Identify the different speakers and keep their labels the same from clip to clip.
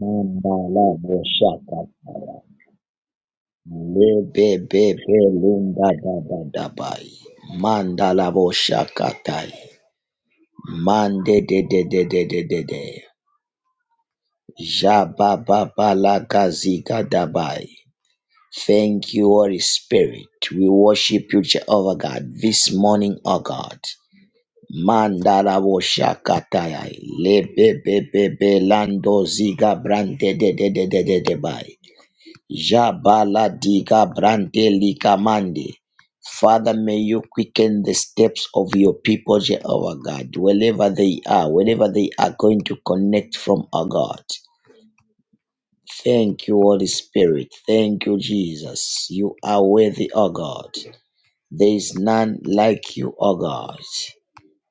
Speaker 1: Mandala Boshakataya. Lebebebe Lunda da da da bai. Mandala Boshakatai. Mande de de de de de de de. Jabababala Gaziga dabai. Thank you, Holy Spirit. We worship you, Jehovah God, this morning, O God. Mandala Boshakataya. Lebebebebe Lando Ziga Brande de de de de de de bai. Jabala diga brante lika Mande. Father, may you quicken the steps of your people, Jehovah God, wherever they are, wherever they are going to connect from our God. Thank you, Holy Spirit. Thank you, Jesus. You are worthy, O God. There is none like you, O God.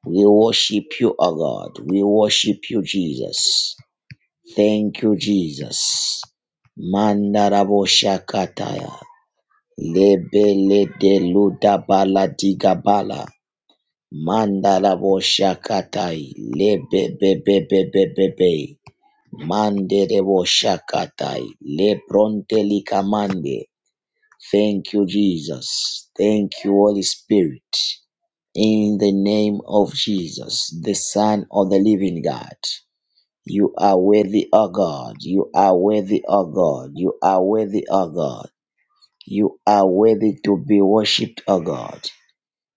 Speaker 1: We worship you, O God. We worship you, Jesus. Thank you, Jesus. Mandarabo Shakataya. Lebele de luda bala diga bala. Mandala bo shakatai. Lebe be be be be be be. Mande de bo shakatai. Le pronte li kamande. Thank you, Jesus. Thank you, Holy Spirit. In the name of Jesus, the Son of the Living God. You are worthy, O God. You are worthy, O God. You are worthy, O God. You are worthy to be worshipped, O God.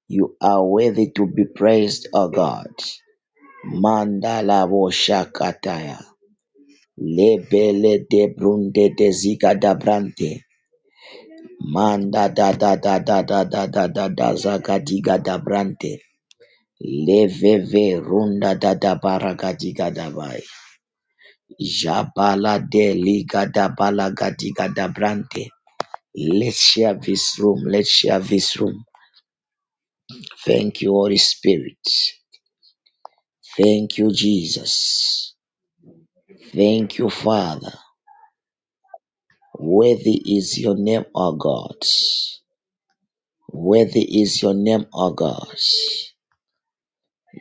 Speaker 1: You are worthy to be praised, O God. Mandala bo shakataya. Lebele de brunde de ziga da brante. Manda da da da da da da da da da zaga diga da brante. Leveve runda da da baraga diga da bai. Jabala de liga da balaga diga da brante. Let's share this room. Let's share this room. Thank you, Holy Spirit. Thank you, Jesus. Thank you, Father. Worthy is your name, O God. Worthy is your name, O God.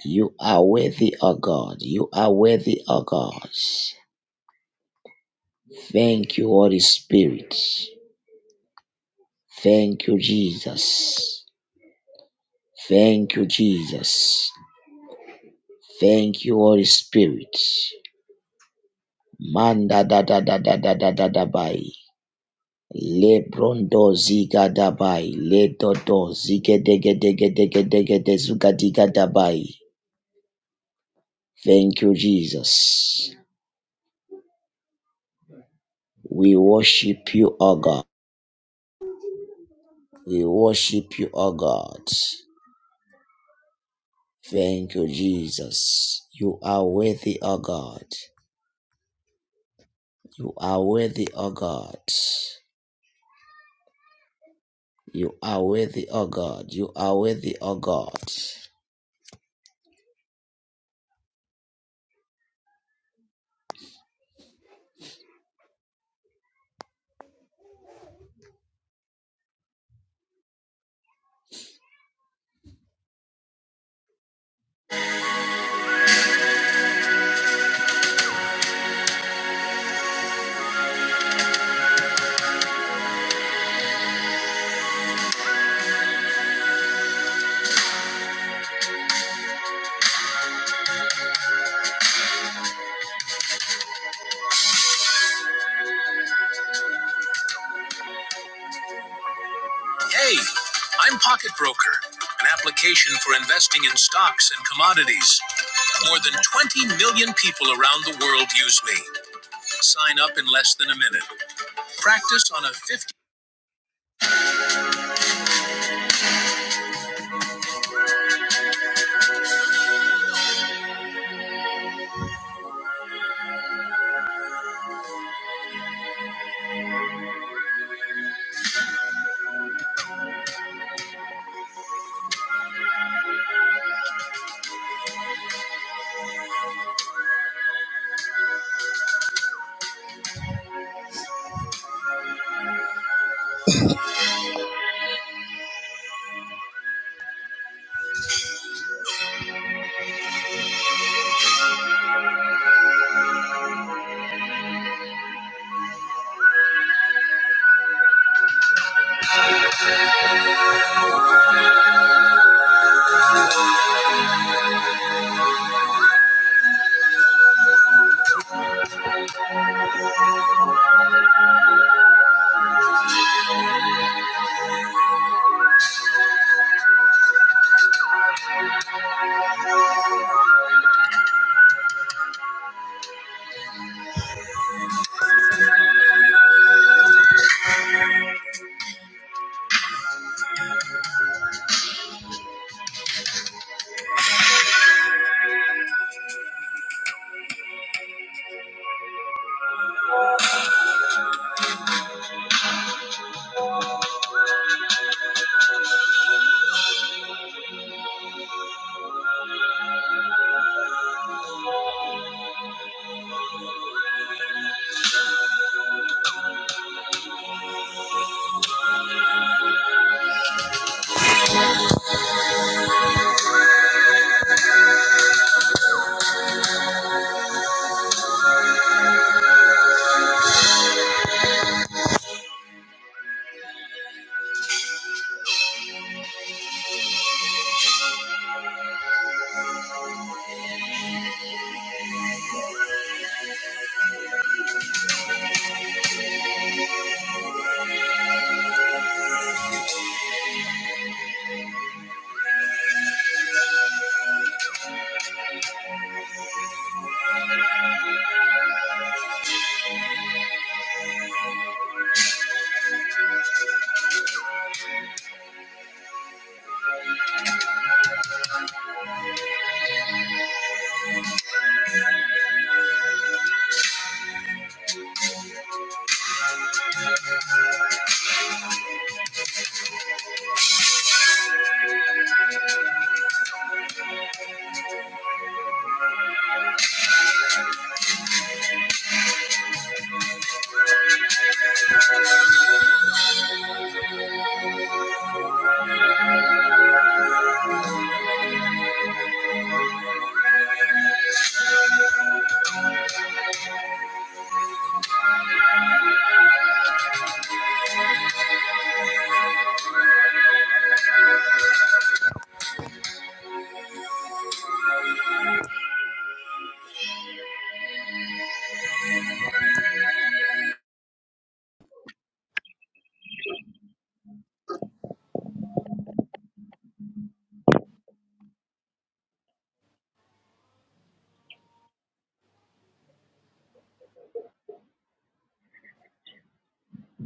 Speaker 1: You are worthy, O God. You are worthy, O God. Thank you, Holy Spirit. Thank you, Jesus. Thank you, Jesus. Thank you, Holy Spirit. Manda da da da da da da da da bai. Lebrondo zigadabai, ledodo zige dege dege dege dege de zuga diga zugadigadai. Thank you, Jesus. We worship you, O God. We worship you, O God. Thank you, Jesus. You are worthy, O God. You are worthy, O God. You are worthy, O God. You are worthy, O God. Hey, I'm Pocket Broker, an application for investing in stocks and commodities. More than 20 million people around the world use me. Sign up in less than a minute. Practice on a fifty.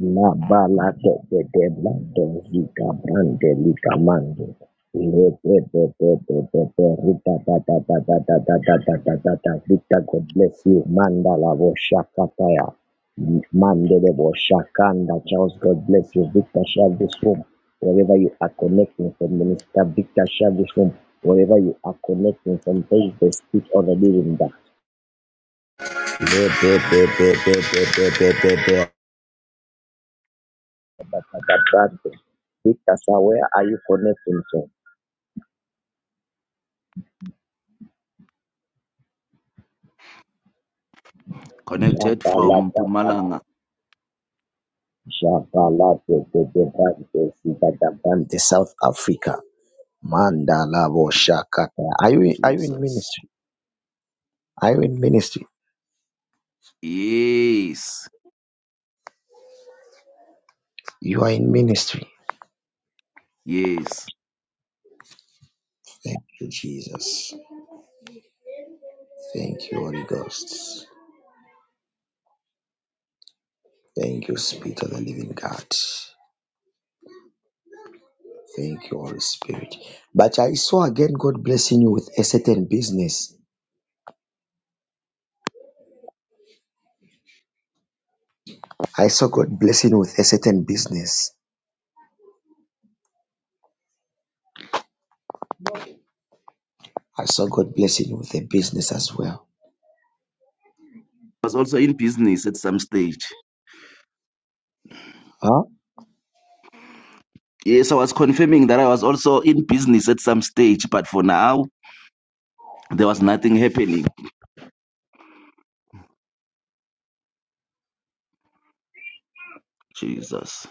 Speaker 1: La bala de de de blando zika brande lika mando. Le de de de de de de rita da da da da da da da da da da da Rita, God bless you. Manda la voshakataya. Mandele voshakanda. Charles, God bless you. Victor, share this room. Wherever you are connecting from Minister Victor, share this room. Wherever you are connecting from, praise the speak of the living God. Le de de de de de de de de de Gabrante. Because where are you connecting to?
Speaker 2: Connected from
Speaker 1: Shabalata,
Speaker 2: Pumalanga.
Speaker 1: Shabalata, the Gabrante, Gabrante, South Africa. Mandala bo Shakata. Are you, are you in
Speaker 2: Jesus.
Speaker 1: ministry? Are you in ministry?
Speaker 2: Yes.
Speaker 1: You are in ministry.
Speaker 2: Yes.
Speaker 1: Thank you, Jesus. Thank you, Holy Ghost. Thank you, Spirit of the Living God. Thank you, Holy Spirit. But I saw again God blessing you with a certain business. I saw God blessing you with a certain business. I saw God blessing you with a business as well.
Speaker 2: I was also in business at some stage.
Speaker 1: Huh?
Speaker 2: Yes, I was confirming that I was also in business at some stage, but for now, there was nothing happening. Jesus.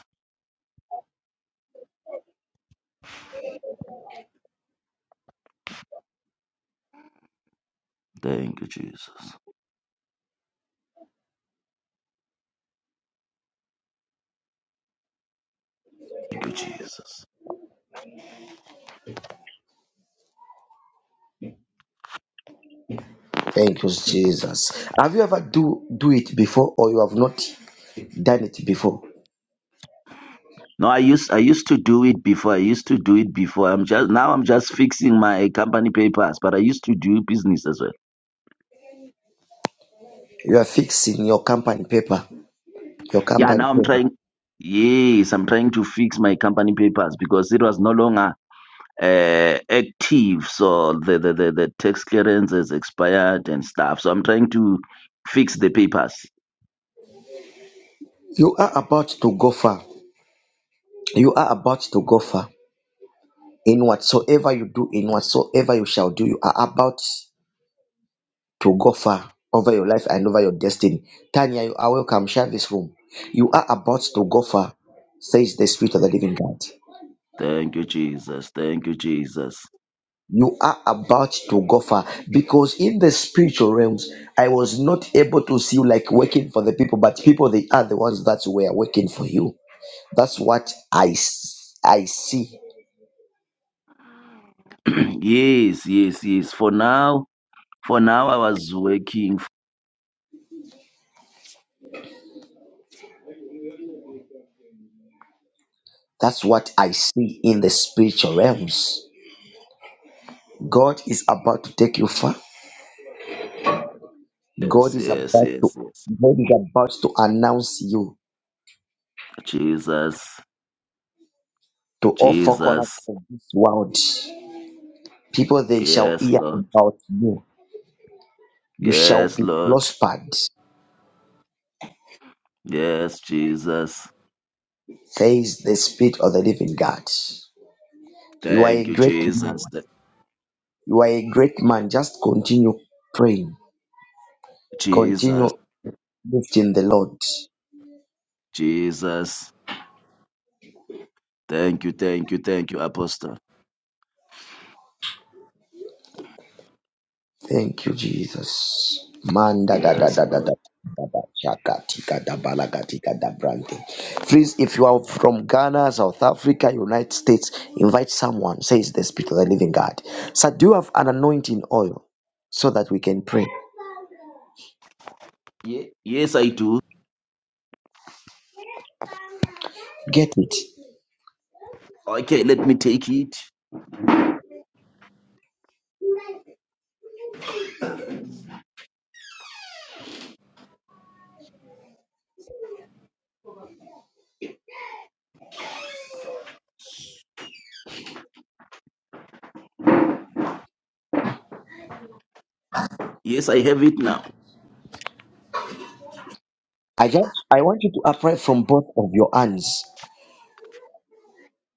Speaker 2: Thank you, Jesus. Thank you, Jesus.
Speaker 1: Thank you, Jesus. Have you ever do do it before or you have not done it before?
Speaker 2: No, I used I used to do it before. I used to do it before. I'm just now I'm just fixing my company papers, but I used to do business as well.
Speaker 1: You are fixing your company paper. Your
Speaker 2: Yeah,
Speaker 1: company
Speaker 2: now I'm
Speaker 1: paper.
Speaker 2: trying Yes, I'm trying to fix my company papers because it was no longer uh, active, so the, the, the, the tax clearance has expired and stuff. So I'm trying to fix the papers.
Speaker 1: You are about to go far. You are about to go far. In whatsoever you do, in whatsoever you shall do, you are about to go far over your life and over your destiny. Tanya, you are welcome. Share this room. You are about to go far, says the Spirit of the Living God.
Speaker 2: Thank you, Jesus. Thank you, Jesus.
Speaker 1: you are about to go far because in the spiritual realms i was not able to see you like working for the people but people they are the ones that were working for you that's what i s- i see
Speaker 2: yes, yes, yes. For now, for now, I was working.
Speaker 1: that's what i see in the spiritual realms god is about to take you far
Speaker 2: Yes,
Speaker 1: god is
Speaker 2: yes,
Speaker 1: about
Speaker 2: yes,
Speaker 1: to
Speaker 2: yes.
Speaker 1: god is about to announce you
Speaker 2: Jesus,
Speaker 1: to all four corners
Speaker 2: Jesus.
Speaker 1: of this world people they shall
Speaker 2: Yes,
Speaker 1: hear
Speaker 2: Lord.
Speaker 1: about you you shall
Speaker 2: Yes,
Speaker 1: be
Speaker 2: Lord.
Speaker 1: prospered
Speaker 2: Yes, Jesus.
Speaker 1: says the Spirit of the living God. You are
Speaker 2: Thank
Speaker 1: a
Speaker 2: you,
Speaker 1: great man.
Speaker 2: Jesus. Th-
Speaker 1: You are a great man. Just continue praying. Continue
Speaker 2: Jesus,
Speaker 1: lifting the Lord.
Speaker 2: Jesus. Thank you, thank you, thank you, Apostle.
Speaker 1: Thank you, Jesus. Manda da da
Speaker 2: Yes,
Speaker 1: da da da.
Speaker 2: Lord.
Speaker 1: da da shaka tika da balaga tika da brante. Please, if you are from Ghana, South Africa, United States, invite someone, says the Spirit of the Living God. Sir, do you have an anointing oil so that we can pray?
Speaker 2: Ye- yes, I do.
Speaker 1: Get it.
Speaker 2: Okay, let me take it. Yes, I have it now.
Speaker 1: I just I want you to apply from both of your hands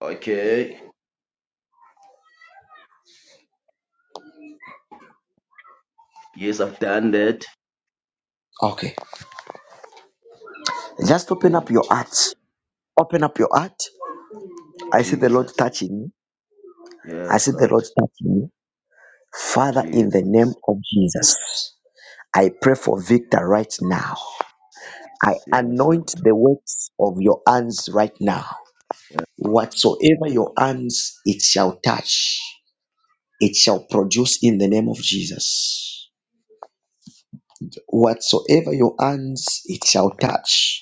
Speaker 2: Okay. Yes, I've done that.
Speaker 1: Okay. Just open
Speaker 2: Thank
Speaker 1: up
Speaker 2: you,
Speaker 1: your heart.
Speaker 2: Jesus.
Speaker 1: Open up your heart. I see the Lord
Speaker 2: Jesus.
Speaker 1: touching me. I
Speaker 2: Yes,
Speaker 1: see the
Speaker 2: Lord.
Speaker 1: Lord touching me. Father, in the name
Speaker 2: Jesus.
Speaker 1: of Jesus, I pray for Victor right now.
Speaker 2: Jesus.
Speaker 1: I
Speaker 2: Yes,
Speaker 1: anoint
Speaker 2: Lord.
Speaker 1: the works of your hands right now. Whatsoever your hands, it shall touch, it shall produce in the name of Jesus. Whatsoever your hands, it shall touch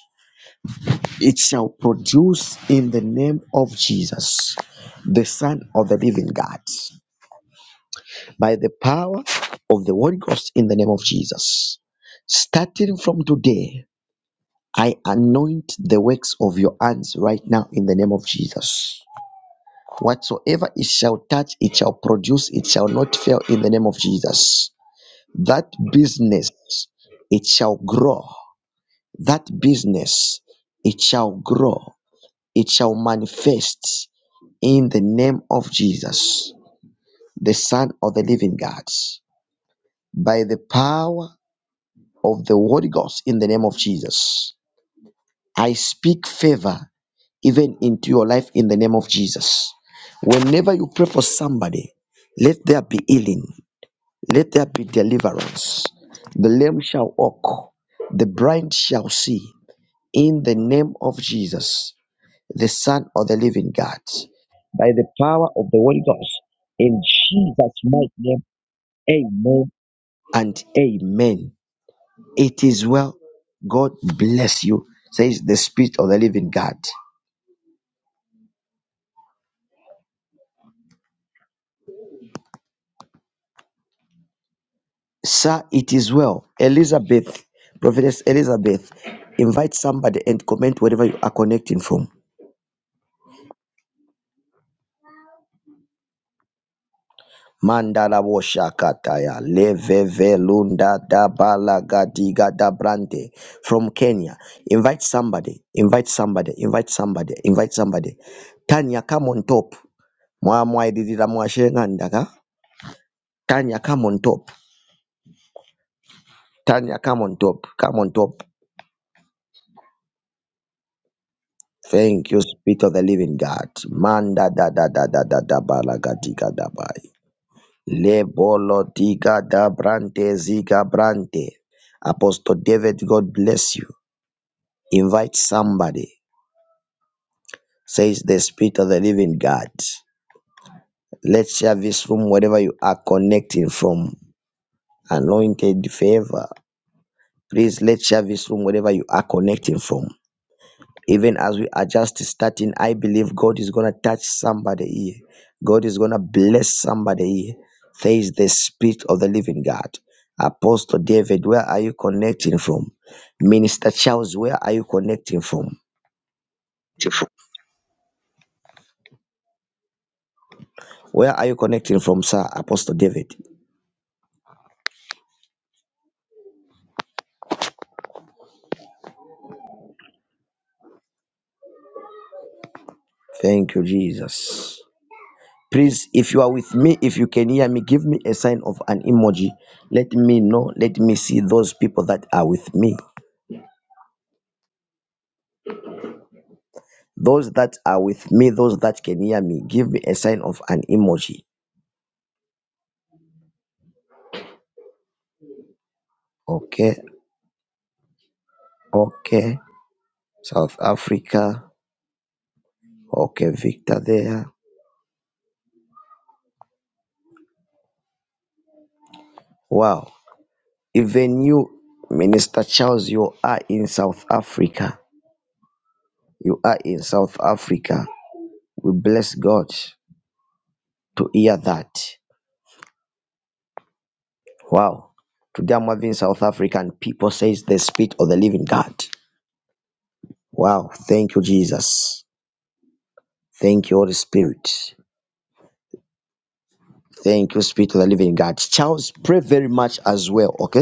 Speaker 1: It shall produce in the name of Jesus, the Son of the living God, by the power of the Holy Ghost in the name of Jesus. Starting from today, I anoint the works of your hands right now in the name of Jesus. Whatsoever it shall touch, it shall produce, it shall not fail in the name of Jesus. That business, it shall grow. That business, it shall grow. It shall manifest in the name of Jesus, the Son of the living God, by the power of the Holy Ghost, in the name of Jesus. I speak favor even into your life in the name of Jesus. Whenever you pray for somebody, let there be healing, let there be deliverance. The lame shall walk, the blind shall see, in the name of Jesus, the Son of the living God, by the power of the Holy Ghost, in Jesus' mighty name Amen and amen. It is well. God bless you, says the Spirit of the living God. Sir, it is well. Elizabeth, Prophetess Elizabeth, invite somebody and comment wherever you are connecting from. Mandala Woshakataya, Leveve Lunda da Balagadiga da Brande from Kenya. Invite somebody, invite somebody, invite somebody, invite somebody. Tanya, come on top. Mwamwa ididira mwashengandaka. Tanya, come on top. Tanya, come on top. Come on top. Thank you, Spirit of the Living God. Manda da da da da da da balagadiga da bai. Lebolo diga da brante ziga brante. Apostle David, God bless you. Invite somebody. Says the Spirit of the Living God. Let's share this room wherever you are connecting from. Anointed favor. Please let's share this room wherever you are connecting from. even as we are just starting, I believe God is going to touch somebody here. God is going to bless somebody here. There is the Spirit of the Living God. Apostle David, where are you connecting from? Minister Charles, where are you connecting from?
Speaker 3: to
Speaker 1: Where are you connecting from, sir? Apostle David. Thank you, Jesus. Please, if you are with me, if you can hear me, give me a sign of an emoji. Let me know. Let me see those people that are with me. Those that are with me, those that can hear me, give me a sign of an emoji. Okay, okay. South Africa. Okay, Victor there. Wow. Even you, Minister Charles, you are in South Africa. You are in South Africa. We bless God to hear that. Wow. Today I'm having South African people says the spirit of the living God. Thank you, Jesus. Thank you, Holy Spirit. Thank you, Spirit of the Living God. Charles, pray very much as well, okay?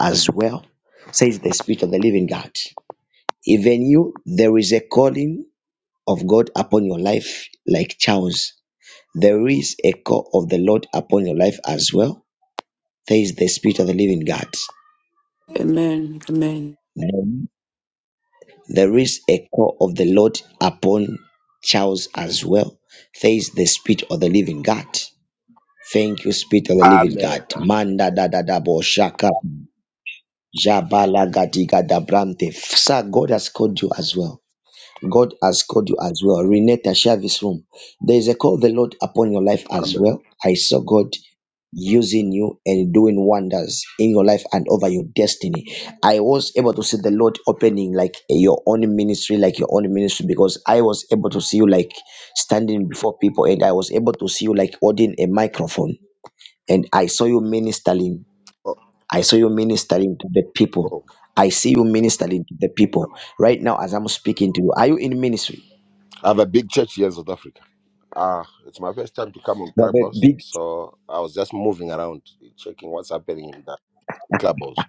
Speaker 1: as well, says the Spirit of the living God. Even you, there is a calling of God upon your life, like Charles. There is a call of the Lord upon your life as well, says the Spirit of the living God.
Speaker 4: Amen. Amen.
Speaker 1: Then There is a call of the Lord upon Charles as well, says the Spirit of the living God. Thank you, Spirit of the living
Speaker 5: Amen.
Speaker 1: God.
Speaker 5: Amen.
Speaker 1: Manda da da da bo shaka jabala gadiga da brante. Sir, God has called you as well. God has called you as well. Renee Tashavi's room. There is a call of the Lord upon your life as
Speaker 5: Amen.
Speaker 1: well. I saw God using you and doing wonders in your life and over your destiny. I was able to see the Lord opening like your own ministry, like your own ministry, because I was able to see you like standing before people and I was able to see you like holding a microphone and I saw you ministering.
Speaker 5: Oh,
Speaker 1: I saw you ministering to the people.
Speaker 5: oh.
Speaker 1: I see you ministering to the people right now as I'm speaking to you. Are you in ministry?
Speaker 5: I have a big church here in South Africa. Ah, it's my first time to come on
Speaker 1: There's a
Speaker 5: Clubhouse,
Speaker 1: big
Speaker 5: so I was just moving around, checking what's happening in that Clubhouse.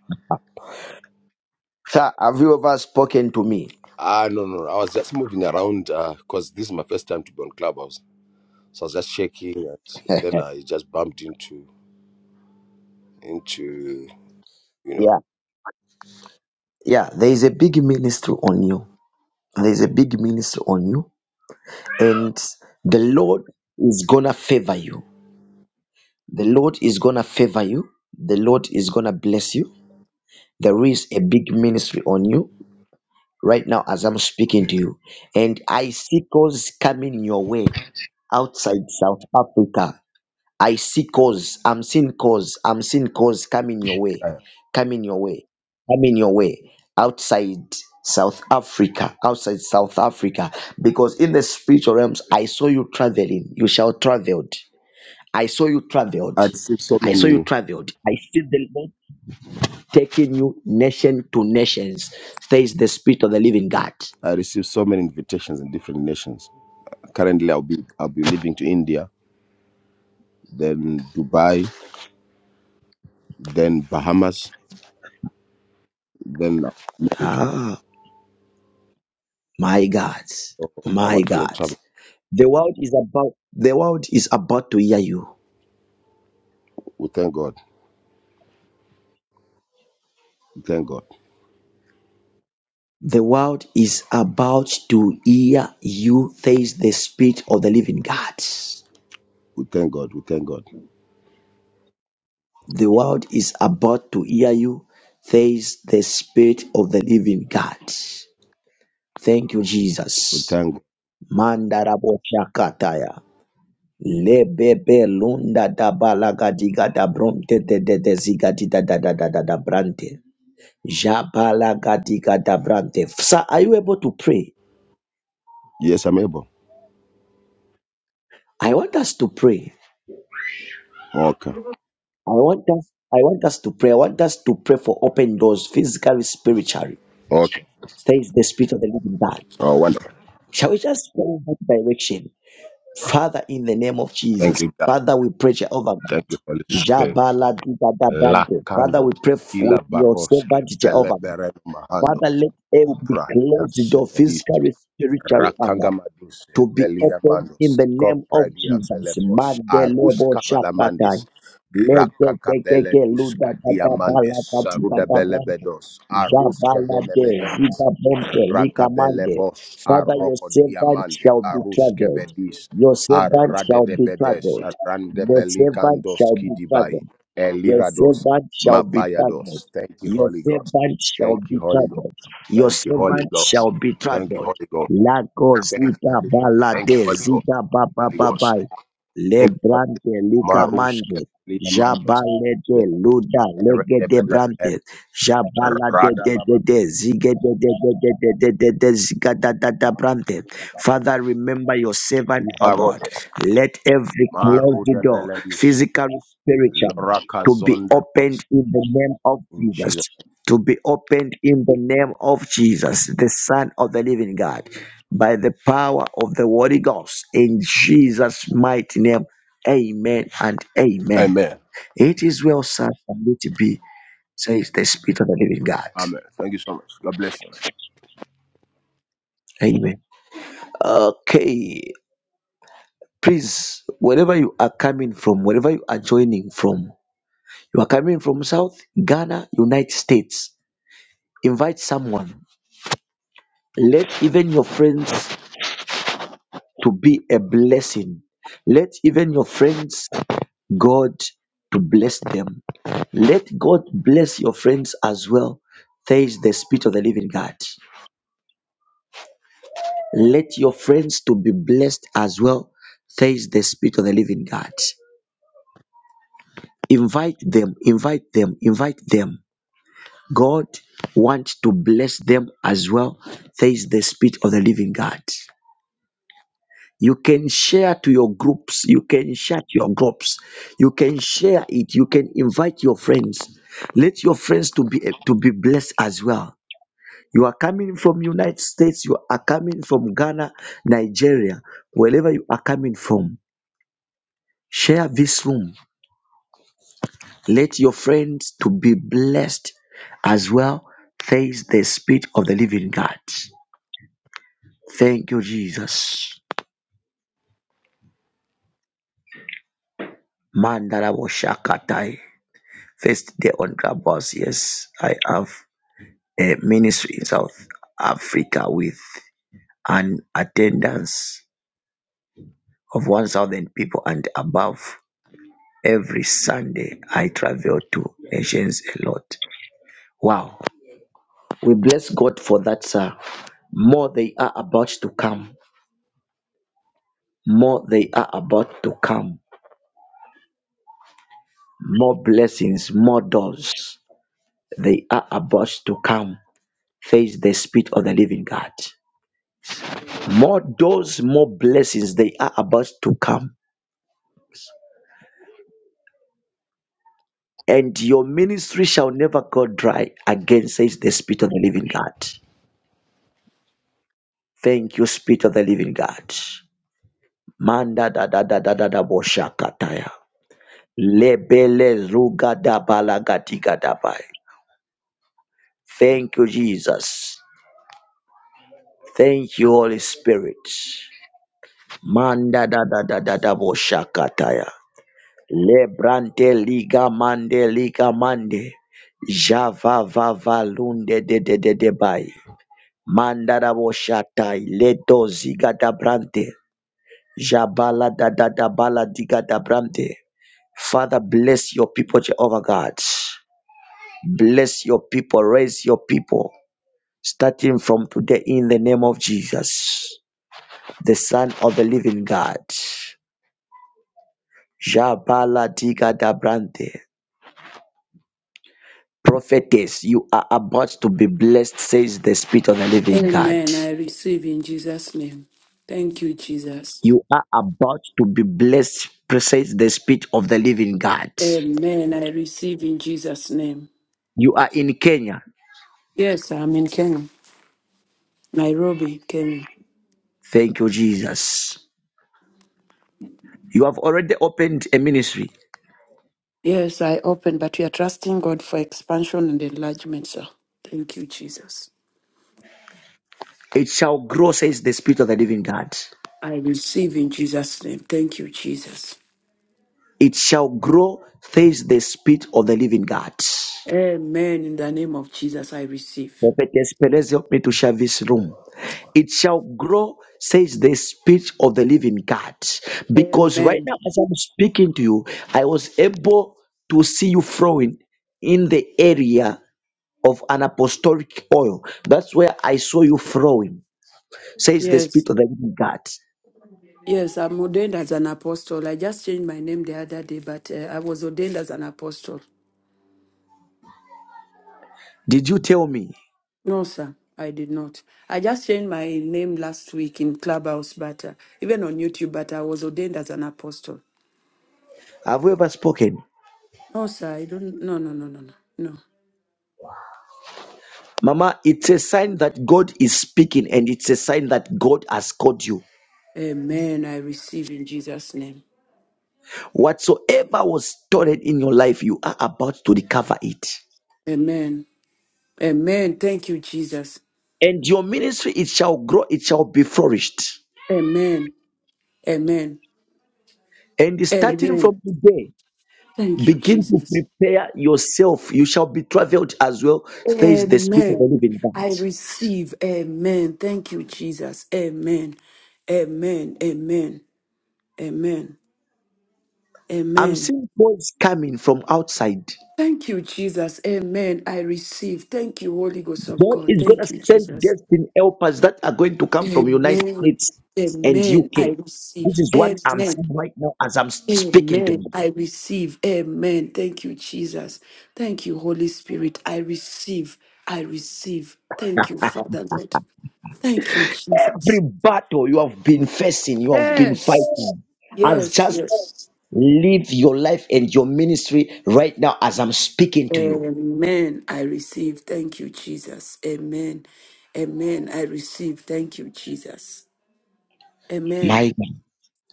Speaker 1: sir. Have you ever spoken to me?
Speaker 5: Ah, no, no, no. I was just moving around because this is my first time to be on Clubhouse, so I was just checking, and then I just bumped into into you know.
Speaker 1: yeah, yeah. There is a big ministry on you. There is a big ministry on you, and the Lord is gonna favor you. The Lord is gonna favor you. The Lord is gonna bless you. There is a big ministry on you right now as I'm speaking to you, and I see calls coming your way outside South Africa. I see cause. I'm seeing cause. I'm seeing cause coming your way.
Speaker 5: I
Speaker 1: Coming your way. Coming your way. Outside South Africa. Outside South Africa. Because in the spiritual realms, I saw you traveling. You shall traveled. I saw you traveled.
Speaker 5: I received so
Speaker 1: I saw you
Speaker 5: many.
Speaker 1: traveled. I see the Lord taking you nation to nations. Says the spirit of the living God.
Speaker 5: I received so many invitations in different nations. Currently, I'll be I'll be leaving to India, then Dubai, then Bahamas then America.
Speaker 1: Ah, my God.
Speaker 5: I'm
Speaker 1: My
Speaker 5: actually
Speaker 1: God.
Speaker 5: traveling.
Speaker 1: The world is about the world is about to hear you.
Speaker 5: We thank God. We thank God.
Speaker 1: The world is about to hear you, says the Spirit of the living God.
Speaker 5: We thank God. We thank God.
Speaker 1: The world is about to hear you, says the Spirit of the living God. Thank you,
Speaker 5: We
Speaker 1: Jesus.
Speaker 5: thank God.
Speaker 1: Mandaraboshakataya. Lebebe lunda da balaga diga da bronte de de de ziga di da da da da da da brante. Jabalaga diga da brante. Sir, are you able to pray?
Speaker 5: Yes, I'm able.
Speaker 1: I want us to pray.
Speaker 5: Okay.
Speaker 1: I want us, I want us to pray. I want us to pray for open doors, physically, spiritually.
Speaker 5: Okay.
Speaker 1: Says the Spirit of the Living God.
Speaker 5: Oh, wonderful.
Speaker 1: Shall we just pray in that direction? Father, in the name of
Speaker 5: Thank
Speaker 1: Jesus,
Speaker 5: you, God.
Speaker 1: Father, we pray Jehovah God.
Speaker 5: Thank you, Holy Spirit.
Speaker 1: Jabala diga da bando. Father,
Speaker 5: Lakando,
Speaker 1: we pray for
Speaker 5: Kila
Speaker 1: your
Speaker 5: Baroske,
Speaker 1: servant
Speaker 5: Bele
Speaker 1: Jehovah. God.
Speaker 5: Berem Mahando,
Speaker 1: Father, let every
Speaker 5: Kupra,
Speaker 1: closed door, physically, spiritually,
Speaker 5: Rakangamados,
Speaker 1: to be opened in
Speaker 5: Veliamandos,
Speaker 1: the name of
Speaker 5: Cobradia
Speaker 1: Jesus.
Speaker 5: Velebos,
Speaker 1: Madelebo
Speaker 5: Arusca Balamandis,
Speaker 1: Shapatai.
Speaker 5: Rakakabele
Speaker 1: Lekekekeke luda
Speaker 5: Duska
Speaker 1: bada bala
Speaker 5: Diamandis,
Speaker 1: bati
Speaker 5: Saruda
Speaker 1: bada bada.
Speaker 5: Belebedos, Arusca
Speaker 1: Jabala de
Speaker 5: Benemehendes,
Speaker 1: zida bempe
Speaker 5: Rakabelebos,
Speaker 1: likamande.
Speaker 5: Bos,
Speaker 1: Father, your
Speaker 5: Arroco
Speaker 1: servant
Speaker 5: Diamande,
Speaker 1: shall be
Speaker 5: Arusca
Speaker 1: traveled.
Speaker 5: Vedis,
Speaker 1: Your servant
Speaker 5: Arade
Speaker 1: shall
Speaker 5: de
Speaker 1: be
Speaker 5: Bedes,
Speaker 1: traveled.
Speaker 5: Arande
Speaker 1: Your servant
Speaker 5: Belicandos
Speaker 1: shall be
Speaker 5: Kidibai,
Speaker 1: traveled. Your
Speaker 5: Elirados,
Speaker 1: servant shall be traveled.
Speaker 5: Mapayados. Thank you,
Speaker 1: Your
Speaker 5: Holy Ghost.
Speaker 1: servant shall
Speaker 5: Thank you,
Speaker 1: be
Speaker 5: Holy Ghost.
Speaker 1: traveled. Your
Speaker 5: Thank you, Holy
Speaker 1: servant
Speaker 5: Ghost.
Speaker 1: shall be
Speaker 5: Thank you,
Speaker 1: traveled.
Speaker 5: Holy Ghost.
Speaker 1: Lako
Speaker 5: Thank you,
Speaker 1: zika
Speaker 5: Holy Ghost. Thank you,
Speaker 1: balade
Speaker 5: Holy Ghost.
Speaker 1: zika baba
Speaker 5: Holy Ghost.
Speaker 1: babai.
Speaker 5: Thank you, Holy Ghost.
Speaker 1: Lebrante lika
Speaker 5: Marush
Speaker 1: mande.
Speaker 5: Ketelia Mandos.
Speaker 1: Jabalete luda
Speaker 5: Bere de
Speaker 1: legete
Speaker 5: Bele
Speaker 1: brante.
Speaker 5: Bele.
Speaker 1: Jabalade
Speaker 5: Rada
Speaker 1: de de
Speaker 5: Baba.
Speaker 1: de zige de de de de de de de de zika da da da brante.
Speaker 5: Baba.
Speaker 1: Father, remember your servant, O God.
Speaker 5: Ibarodes.
Speaker 1: Let every
Speaker 5: Maru
Speaker 1: closed
Speaker 5: de
Speaker 1: door,
Speaker 5: Beledis.
Speaker 1: physical, spiritual
Speaker 5: Lora
Speaker 1: to be
Speaker 5: Kazonde Bros.
Speaker 1: opened in the name of
Speaker 5: In
Speaker 1: Jesus.
Speaker 5: Jesus.
Speaker 1: To be opened in the name of Jesus, the Son of the Living God, by the power of the Holy Ghost, in Jesus' mighty name. Amen and amen.
Speaker 5: Amen.
Speaker 1: It is well said and it be, says the Spirit of the Living God.
Speaker 5: Amen. Thank you so much. God bless you.
Speaker 1: Amen. Okay, please, wherever you are coming from, wherever you are joining from, you are coming from South Ghana, United States. Invite someone Let even your friends to be a blessing. Let even your friends, God, to bless them. Let God bless your friends as well. Says the Spirit of the Living God. Let your friends to be blessed as well. Says the Spirit of the Living God. Invite them, invite them, invite them. God wants to bless them as well. Says the Spirit of the Living God. You can share to your groups. You can share to your groups. You can share it. You can invite your friends. Let your friends to be to be blessed as well. You are coming from United States. You are coming from Ghana, Nigeria, wherever you are coming from. Share this room. Let your friends to be blessed as well. Praise the Spirit of the Living God. Thank you, Jesus. Mandala First day on Clubhouse, yes, I have a ministry in South Africa with an attendance of 1,000 people and above. Every Sunday, I travel to nations a lot. Wow. We bless God for that, sir. More they are about to come. More they are about to come. More blessings, more doors. They are about to come. Face the Spirit of the living God. more doors, more blessings they are about to come and your ministry shall never go dry again says the spirit of the living god thank you spirit of the living god manda da da da da da da boshakataya lebele zuga da balagatiga da bai. thank you jesus thank you holy spirit manda da da da da da boshakataya Lebrante liga mande liga mande. Java vava lunde de de de de bai. Mandara boshatai leto ziga da brante. Jabala da da da bala diga da brante. Father, bless your people, Jehovah God. Bless your people, raise your people. Starting from today in the name of Jesus, the Son of the Living God. Jabala diga da brante. prophetess, you are about to be blessed, says the Spirit of the living God.
Speaker 4: Amen. I receive in Jesus' name. Thank you, Jesus.
Speaker 1: You are about to be blessed, says the Spirit of the living God.
Speaker 4: Amen. I receive in Jesus' name.
Speaker 1: You are in Kenya.
Speaker 4: Yes, I'm in Kenya, Nairobi, Kenya.
Speaker 1: Thank you, Jesus. You have already opened a ministry.
Speaker 4: Yes, I open, but we are trusting God for expansion and enlargement, sir. Thank you, Jesus.
Speaker 1: It shall grow, says the Spirit of the living God.
Speaker 4: I receive in Jesus' name. Thank you, Jesus.
Speaker 1: It shall grow, says the Spirit of the living God.
Speaker 4: Amen. In the name of Jesus, I receive.
Speaker 1: Prophetess Perez, help me to share this room. It shall grow, says the Spirit of the living God. Because right
Speaker 4: Amen.
Speaker 1: now, as I'm speaking to you, I was able to see you flowing in the area of an apostolic oil. That's where I saw you flowing, says the
Speaker 4: Yes.
Speaker 1: Spirit of the living God.
Speaker 4: Yes, I'm ordained as an apostle. I just changed my name the other day, but uh, I was ordained as an apostle.
Speaker 1: Did you tell me?
Speaker 4: No, sir, I did not. I just changed my name last week in Clubhouse, but uh, even on YouTube, but I was ordained as an apostle.
Speaker 1: Have you ever spoken?
Speaker 4: No, sir, I don't. No, no, no, no, no. no.
Speaker 1: Mama, it's a sign that God is speaking and it's a sign that God has called you.
Speaker 4: Amen. I receive in Jesus' name.
Speaker 1: Whatsoever was stored in your life, you are about to recover it.
Speaker 4: Amen. Amen. Thank you, Jesus.
Speaker 1: And your ministry, it shall grow, it shall be flourished.
Speaker 4: Amen. Amen.
Speaker 1: And starting
Speaker 4: Amen.
Speaker 1: from today,
Speaker 4: Thank you,
Speaker 1: begin to
Speaker 4: Jesus.
Speaker 1: prepare yourself. You shall be traveled as well, says the Spirit of
Speaker 4: Amen.
Speaker 1: the Living God.
Speaker 4: I receive. Amen. Thank you, Jesus. Amen. Amen. Amen. Amen.
Speaker 1: I'm
Speaker 4: Amen.
Speaker 1: seeing calls coming from outside.
Speaker 4: Thank you, Jesus. Amen. I receive. Thank you, Holy Ghost of
Speaker 1: God
Speaker 4: God.
Speaker 1: is going
Speaker 4: Thank
Speaker 1: to
Speaker 4: you,
Speaker 1: send
Speaker 4: Jesus.
Speaker 1: destiny helpers that are going to come from United
Speaker 4: Amen.
Speaker 1: States and
Speaker 4: Amen. I
Speaker 1: UK. This
Speaker 4: receive.
Speaker 1: is what I'm
Speaker 4: Amen.
Speaker 1: seeing right now as I'm speaking to you.
Speaker 4: Amen. I receive. Amen. Thank you, Jesus. Thank you, Holy Spirit. I receive. I receive. Thank you, Father Lord. Thank you, Jesus.
Speaker 1: Every battle you have been facing, you have been
Speaker 4: Yes.
Speaker 1: fighting, has
Speaker 4: Yes.
Speaker 1: just
Speaker 4: Yes.
Speaker 1: live your life and your ministry right now as I'm speaking to you.
Speaker 4: Amen. I receive. Thank you, Jesus. Amen. Amen. I receive. Thank you, Jesus.
Speaker 1: My
Speaker 4: Amen.
Speaker 1: God.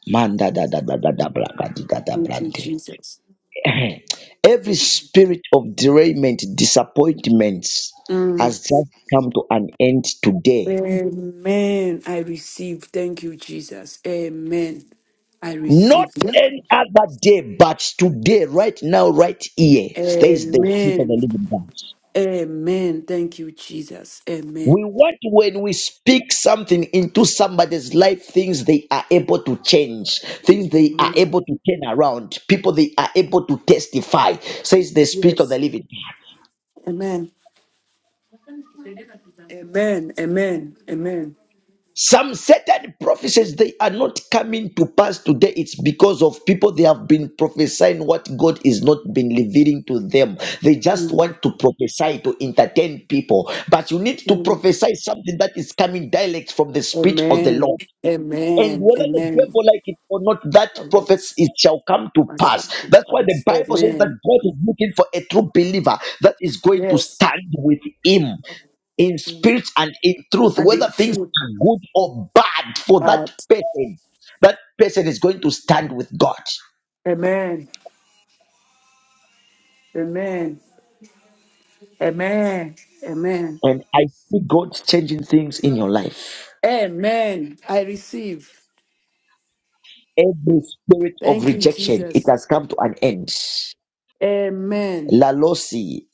Speaker 1: man, da da da da da da bra- ga- di- ga- da
Speaker 4: Thank you,
Speaker 1: brande.
Speaker 4: Jesus.
Speaker 1: Every spirit of derailment, disappointments
Speaker 4: Mm.
Speaker 1: has just come to an end today.
Speaker 4: Amen. I receive. Thank you, Jesus. Amen. I
Speaker 1: Not
Speaker 4: receive.
Speaker 1: any other day, but today, right now, right here, stays the spirit of the
Speaker 4: Amen.
Speaker 1: living God.
Speaker 4: Amen. Thank you, Jesus. Amen.
Speaker 1: We want when we speak something into somebody's life, things they are able to change, things they are
Speaker 4: Amen.
Speaker 1: able to turn around, people they are able to testify, says the Spirit of the
Speaker 4: Yes.
Speaker 1: Living.
Speaker 4: Amen. Amen. Amen. Amen.
Speaker 1: Some certain prophecies they are not coming to pass today. It's because of people they have been prophesying what God is not been revealing to them. They just
Speaker 4: Mm.
Speaker 1: want to prophesy to entertain people, but you need to
Speaker 4: Mm.
Speaker 1: prophesy something that is coming direct from the Spirit of the
Speaker 4: Amen.
Speaker 1: Lord. And
Speaker 4: Amen.
Speaker 1: whether the
Speaker 4: Amen.
Speaker 1: devil like it or not, that
Speaker 4: Oh,
Speaker 1: prophets
Speaker 4: yes.
Speaker 1: it shall come to
Speaker 4: Must
Speaker 1: pass.
Speaker 4: come to
Speaker 1: That's why the
Speaker 4: pass.
Speaker 1: Bible says that
Speaker 4: Amen.
Speaker 1: God is looking for a true believer that is going to
Speaker 4: Yes.
Speaker 1: stand with him in spirit and in truth,
Speaker 4: And
Speaker 1: whether
Speaker 4: the
Speaker 1: things
Speaker 4: truth.
Speaker 1: are good or bad for that
Speaker 4: Out.
Speaker 1: person. That person is going to stand with God.
Speaker 4: Amen. Amen. Amen. Amen.
Speaker 1: And I see God changing things in your life.
Speaker 4: Amen. I receive.
Speaker 1: Every spirit of
Speaker 4: Thank you,
Speaker 1: rejection, it
Speaker 4: Jesus.
Speaker 1: has come to an end.
Speaker 4: Amen.
Speaker 1: Lalosi,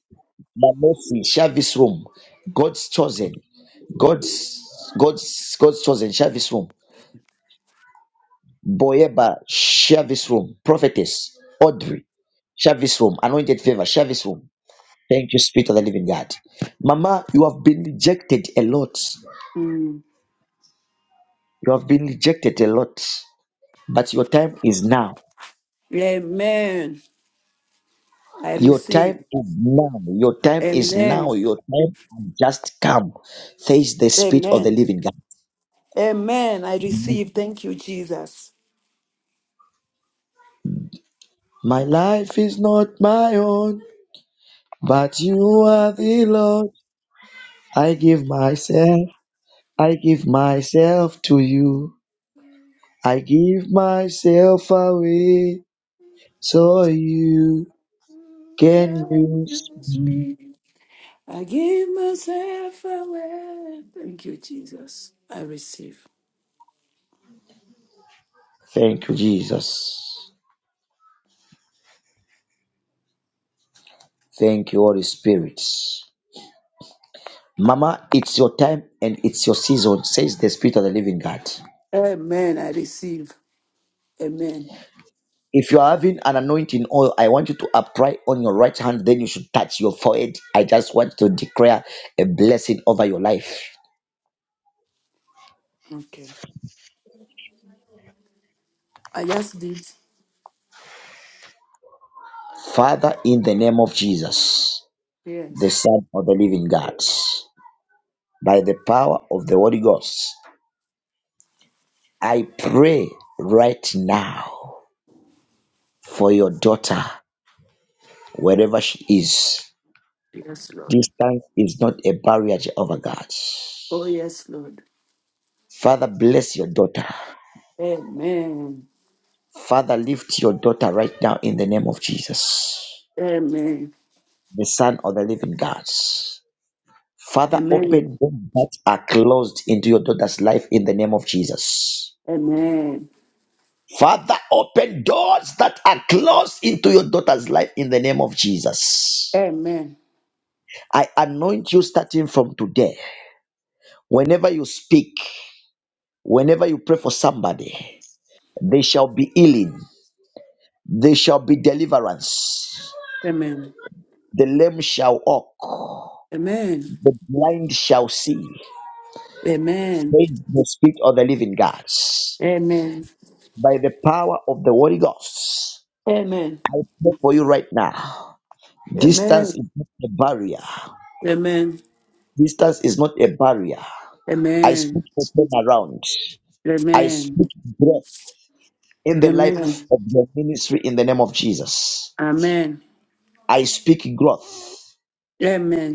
Speaker 1: Shavis Room, God's chosen. God's God's God's chosen share this room. Boyeba share this room. Prophetess Audrey share this room. Anointed favor share this room. Thank you, Spirit of the Living God. Mama, you have been rejected a lot.
Speaker 4: Mm.
Speaker 1: You have been rejected a lot, but your time is now.
Speaker 4: Amen. I
Speaker 1: Your
Speaker 4: receive.
Speaker 1: time is now. Your time is
Speaker 4: Amen.
Speaker 1: now. Your time has just come. Says the Spirit of the
Speaker 4: Amen.
Speaker 1: Living
Speaker 4: Amen. I
Speaker 1: God.
Speaker 4: receive. Thank you, Jesus.
Speaker 1: My life is not my own, but you are the Lord. I give myself, I give myself to you. I give myself away so you can
Speaker 4: Can
Speaker 1: use.
Speaker 4: use me. I give myself away. Thank you, Jesus. I receive.
Speaker 1: Thank you, Jesus. Thank you, Holy Spirit. Mama, it's your time and it's your season, says the Spirit of the Living God.
Speaker 4: Amen. I receive. Amen.
Speaker 1: If you are having an anointing oil, I want you to apply on your right hand, then you should touch your forehead. I just want to declare a blessing over your life.
Speaker 4: Okay. I just did.
Speaker 1: Father, in the name of Jesus. the
Speaker 4: Yes.
Speaker 1: Son of the Living God. By the power of the Holy Ghost, I pray right now for your daughter, wherever she is.
Speaker 4: Yes, Lord.
Speaker 1: Distance is not a barrier to over God.
Speaker 4: Oh, yes, Lord.
Speaker 1: Father, bless your daughter.
Speaker 4: Amen.
Speaker 1: Father, lift your daughter right now in the name of Jesus,
Speaker 4: Amen.
Speaker 1: the Son of the Living God. Father,
Speaker 4: Amen.
Speaker 1: open doors that are closed into your daughter's life in the name of Jesus.
Speaker 4: Amen.
Speaker 1: Father, open doors that are closed into your daughter's life in the name of Jesus.
Speaker 4: Amen.
Speaker 1: I anoint you starting from today. Whenever you speak, whenever you pray for somebody, they shall be healing, they shall be deliverance.
Speaker 4: Amen. Amen.
Speaker 1: The lame shall walk,
Speaker 4: Amen.
Speaker 1: the blind shall see.
Speaker 4: Amen.
Speaker 1: Praise the Spirit of the living God.
Speaker 4: Amen.
Speaker 1: By the power of the Holy Ghost,
Speaker 4: Amen. Amen.
Speaker 1: pray for you right now. Distance is not a barrier.
Speaker 4: Amen.
Speaker 1: Distance is not a barrier. I speak for turnaround. I
Speaker 4: Amen.
Speaker 1: speak growth in the life
Speaker 4: Amen.
Speaker 1: of the ministry in the name of Jesus.
Speaker 4: Amen.
Speaker 1: I speak growth.
Speaker 4: Amen.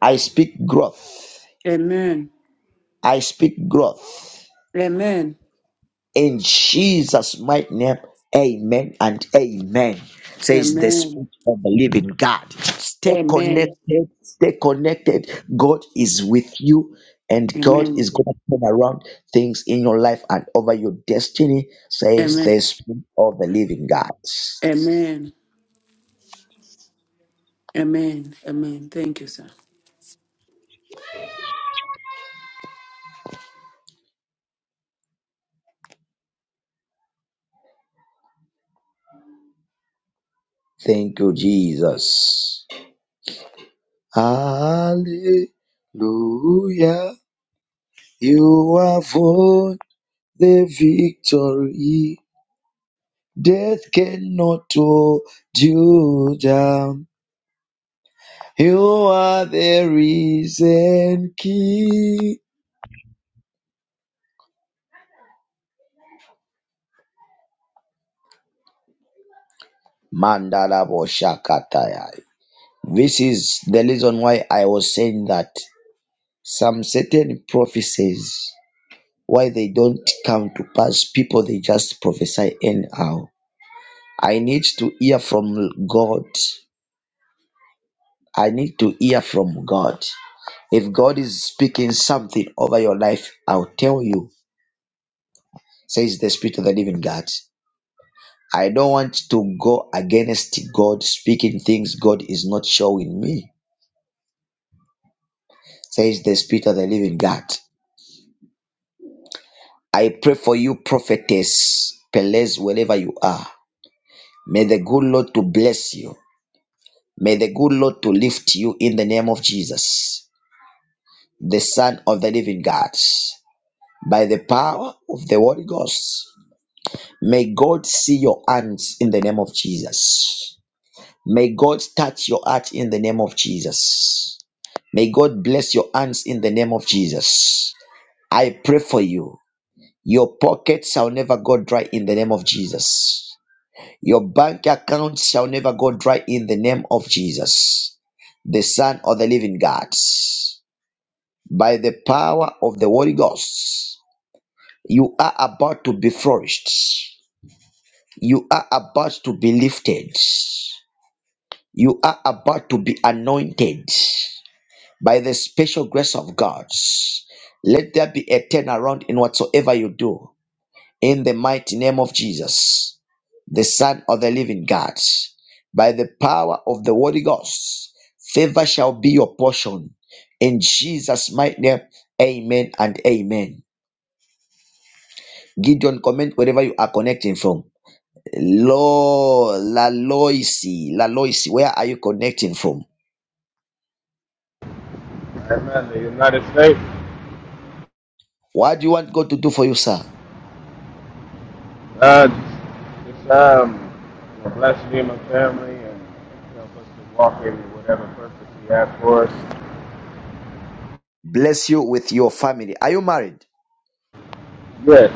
Speaker 1: I speak growth.
Speaker 4: Amen.
Speaker 1: I speak growth.
Speaker 4: Amen.
Speaker 1: In Jesus' mighty name, amen and amen. Says the
Speaker 4: Amen.
Speaker 1: Spirit of the living God. Stay
Speaker 4: Amen.
Speaker 1: connected, stay connected. God is with you, and God
Speaker 4: Amen.
Speaker 1: is going to turn around things in your life and over your destiny, says
Speaker 4: Amen.
Speaker 1: the Spirit of the living God.
Speaker 4: Amen. Amen. Amen. Thank you, sir.
Speaker 1: Thank you, Jesus. Hallelujah. You have won the victory. Death cannot hold you down. You are the reason key. Mandala Boshakataya. This is the reason why I was saying that some certain prophecies, why they don't come to pass, people they just prophesy anyhow. I need to hear from God. I need to hear from God. If God is speaking something over your life, I'll tell you says the Spirit of the living God. I don't want to go against God, speaking things God is not showing me, says the Spirit of the living God. I pray for you, prophetess, Pelez, wherever you are. May the good Lord to bless you. May the good Lord to lift you in the name of Jesus, the Son of the living God. By the power of the Holy Ghost, may God see your hands in the name of Jesus. May God touch your heart in the name of Jesus. May God bless your hands in the name of Jesus. I pray for you. Your pockets shall never go dry in the name of Jesus. Your bank account shall never go dry in the name of Jesus, the Son of the Living God. By the power of the Holy Ghost, you are about to be flourished. You are about to be lifted. You are about to be anointed. by the special grace of God. Let there be a turnaround in whatsoever you do. In the mighty name of Jesus, the Son of the living God, by the power of the Holy Ghost, favor shall be your portion. In Jesus' mighty name, amen and amen. Gideon, comment wherever you are connecting from. Lo, La Loisi, La Loisi, where are you connecting from?
Speaker 6: Amen. The United States.
Speaker 1: What do you want God to do for you, sir?
Speaker 6: Uh, just, um, you know, bless me and my family, and help us to walk in whatever purpose He has for us.
Speaker 1: Bless you with your family. Are you married?
Speaker 6: Yes,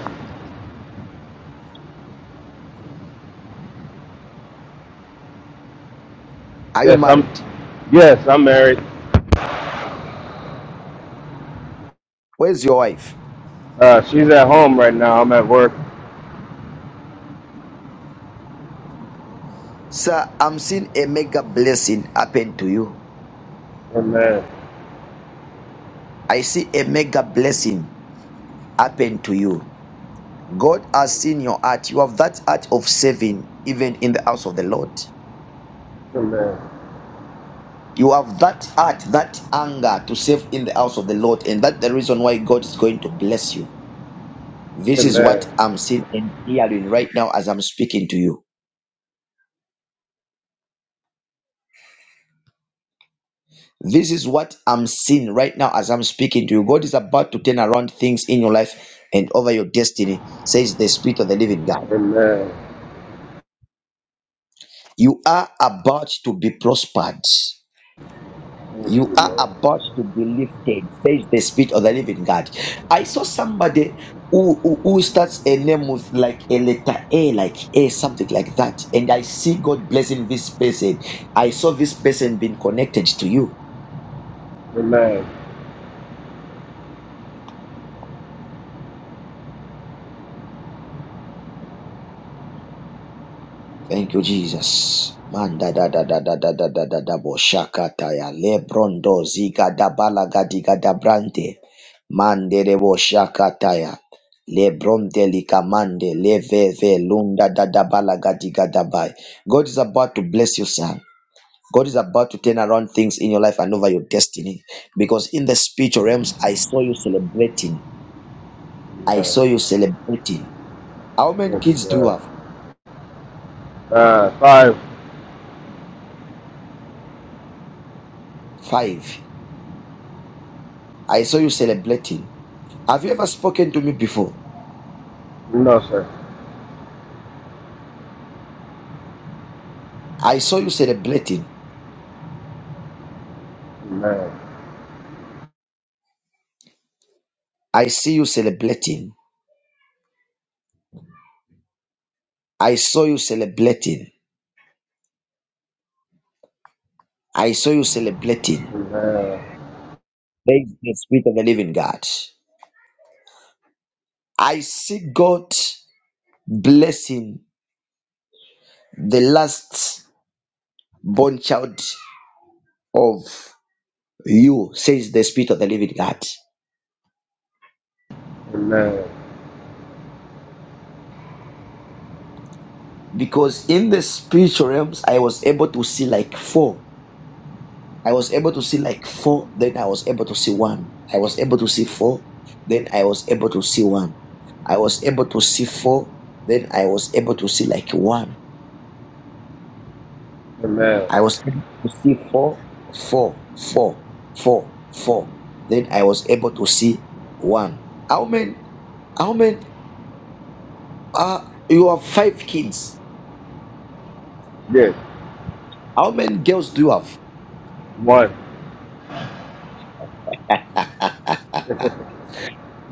Speaker 1: Are you
Speaker 6: yes, I'm,
Speaker 1: married?
Speaker 6: yes, I'm married.
Speaker 1: Where's your wife?
Speaker 6: Uh, she's at home right now. I'm at work.
Speaker 1: Sir, I'm seeing a mega blessing happen to you.
Speaker 6: Amen.
Speaker 1: I see a mega blessing happen to you. God has seen your heart. You have that heart of saving, even in the house of the Lord.
Speaker 6: Amen.
Speaker 1: You have that heart, that anger to save in the house of the Lord, and that's the reason why God is going to bless you. This is what
Speaker 6: Amen.
Speaker 1: I'm seeing and hearing right now as I'm speaking to you. This is what I'm seeing right now as I'm speaking to you. God is about to turn around things in your life and over your destiny, says the Spirit of the Living God.
Speaker 6: Amen.
Speaker 1: You are about to be prospered.
Speaker 6: Thank
Speaker 1: You
Speaker 6: you,
Speaker 1: are
Speaker 6: Lord.
Speaker 1: about to be lifted, says the Spirit of the Living God. I saw somebody who, who, who starts a name with like a letter A, like A, something like that. And I see God blessing this person. I saw this person being connected to you.
Speaker 6: Amen.
Speaker 1: Thank you, Jesus. Manda da da da da da da da da da boshaka taya lebrondo ziga da balaga diga da brante mande de boshaka taya lebronde lika mande leve ve lunda da da balaga diga da bai. God is about to bless you, son. God is eating. I
Speaker 6: Amen.
Speaker 1: saw you celebrating. How many
Speaker 6: Thank
Speaker 1: kids
Speaker 6: you,
Speaker 1: you
Speaker 6: God.
Speaker 1: have?
Speaker 6: Uh, five.
Speaker 1: Five. I saw you celebrating. Have you ever spoken to me before?
Speaker 6: No, sir.
Speaker 1: I saw you celebrating.
Speaker 6: Amen.
Speaker 1: I see you celebrating. I saw you celebrating. I saw you celebrating.
Speaker 6: Amen.
Speaker 1: Praise the Spirit of the Living God. I see God blessing the last born child of you, says the Spirit of the Living God.
Speaker 6: Amen.
Speaker 1: Because in the spiritual realms, I was able to see like four. I was able to see like four, then I was able to see one. I was able to see four, then I was able to see one. I was able to see four, then I was able to see like one.
Speaker 6: Amen.
Speaker 1: I was able to see four, four, four, four, four. Then I was able to see one. How many? How many? Uh, you have five kids.
Speaker 6: Yes.
Speaker 1: How many girls do you have?
Speaker 6: Boy.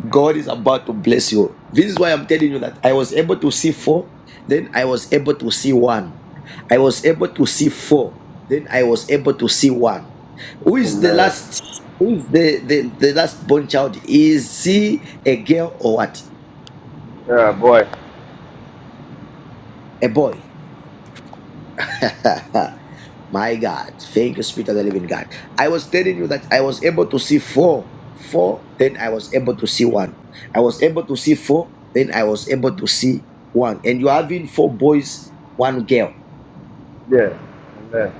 Speaker 1: God is about to bless you. This is why I'm telling you that I was able to see four. Then I was able to see one. I was able to see four. Then I was able to see one. Who is the
Speaker 6: Amen.
Speaker 1: last? Who is the the, the last born child? Is he a girl or what?
Speaker 6: Yeah, boy.
Speaker 1: A boy. My God, thank you, Spirit of the Living God. I was telling you that I was able to see four, four, then I was able to see one. I was able to see four, then I was able to see one. And you're having four boys, one girl.
Speaker 6: Yeah. Amen.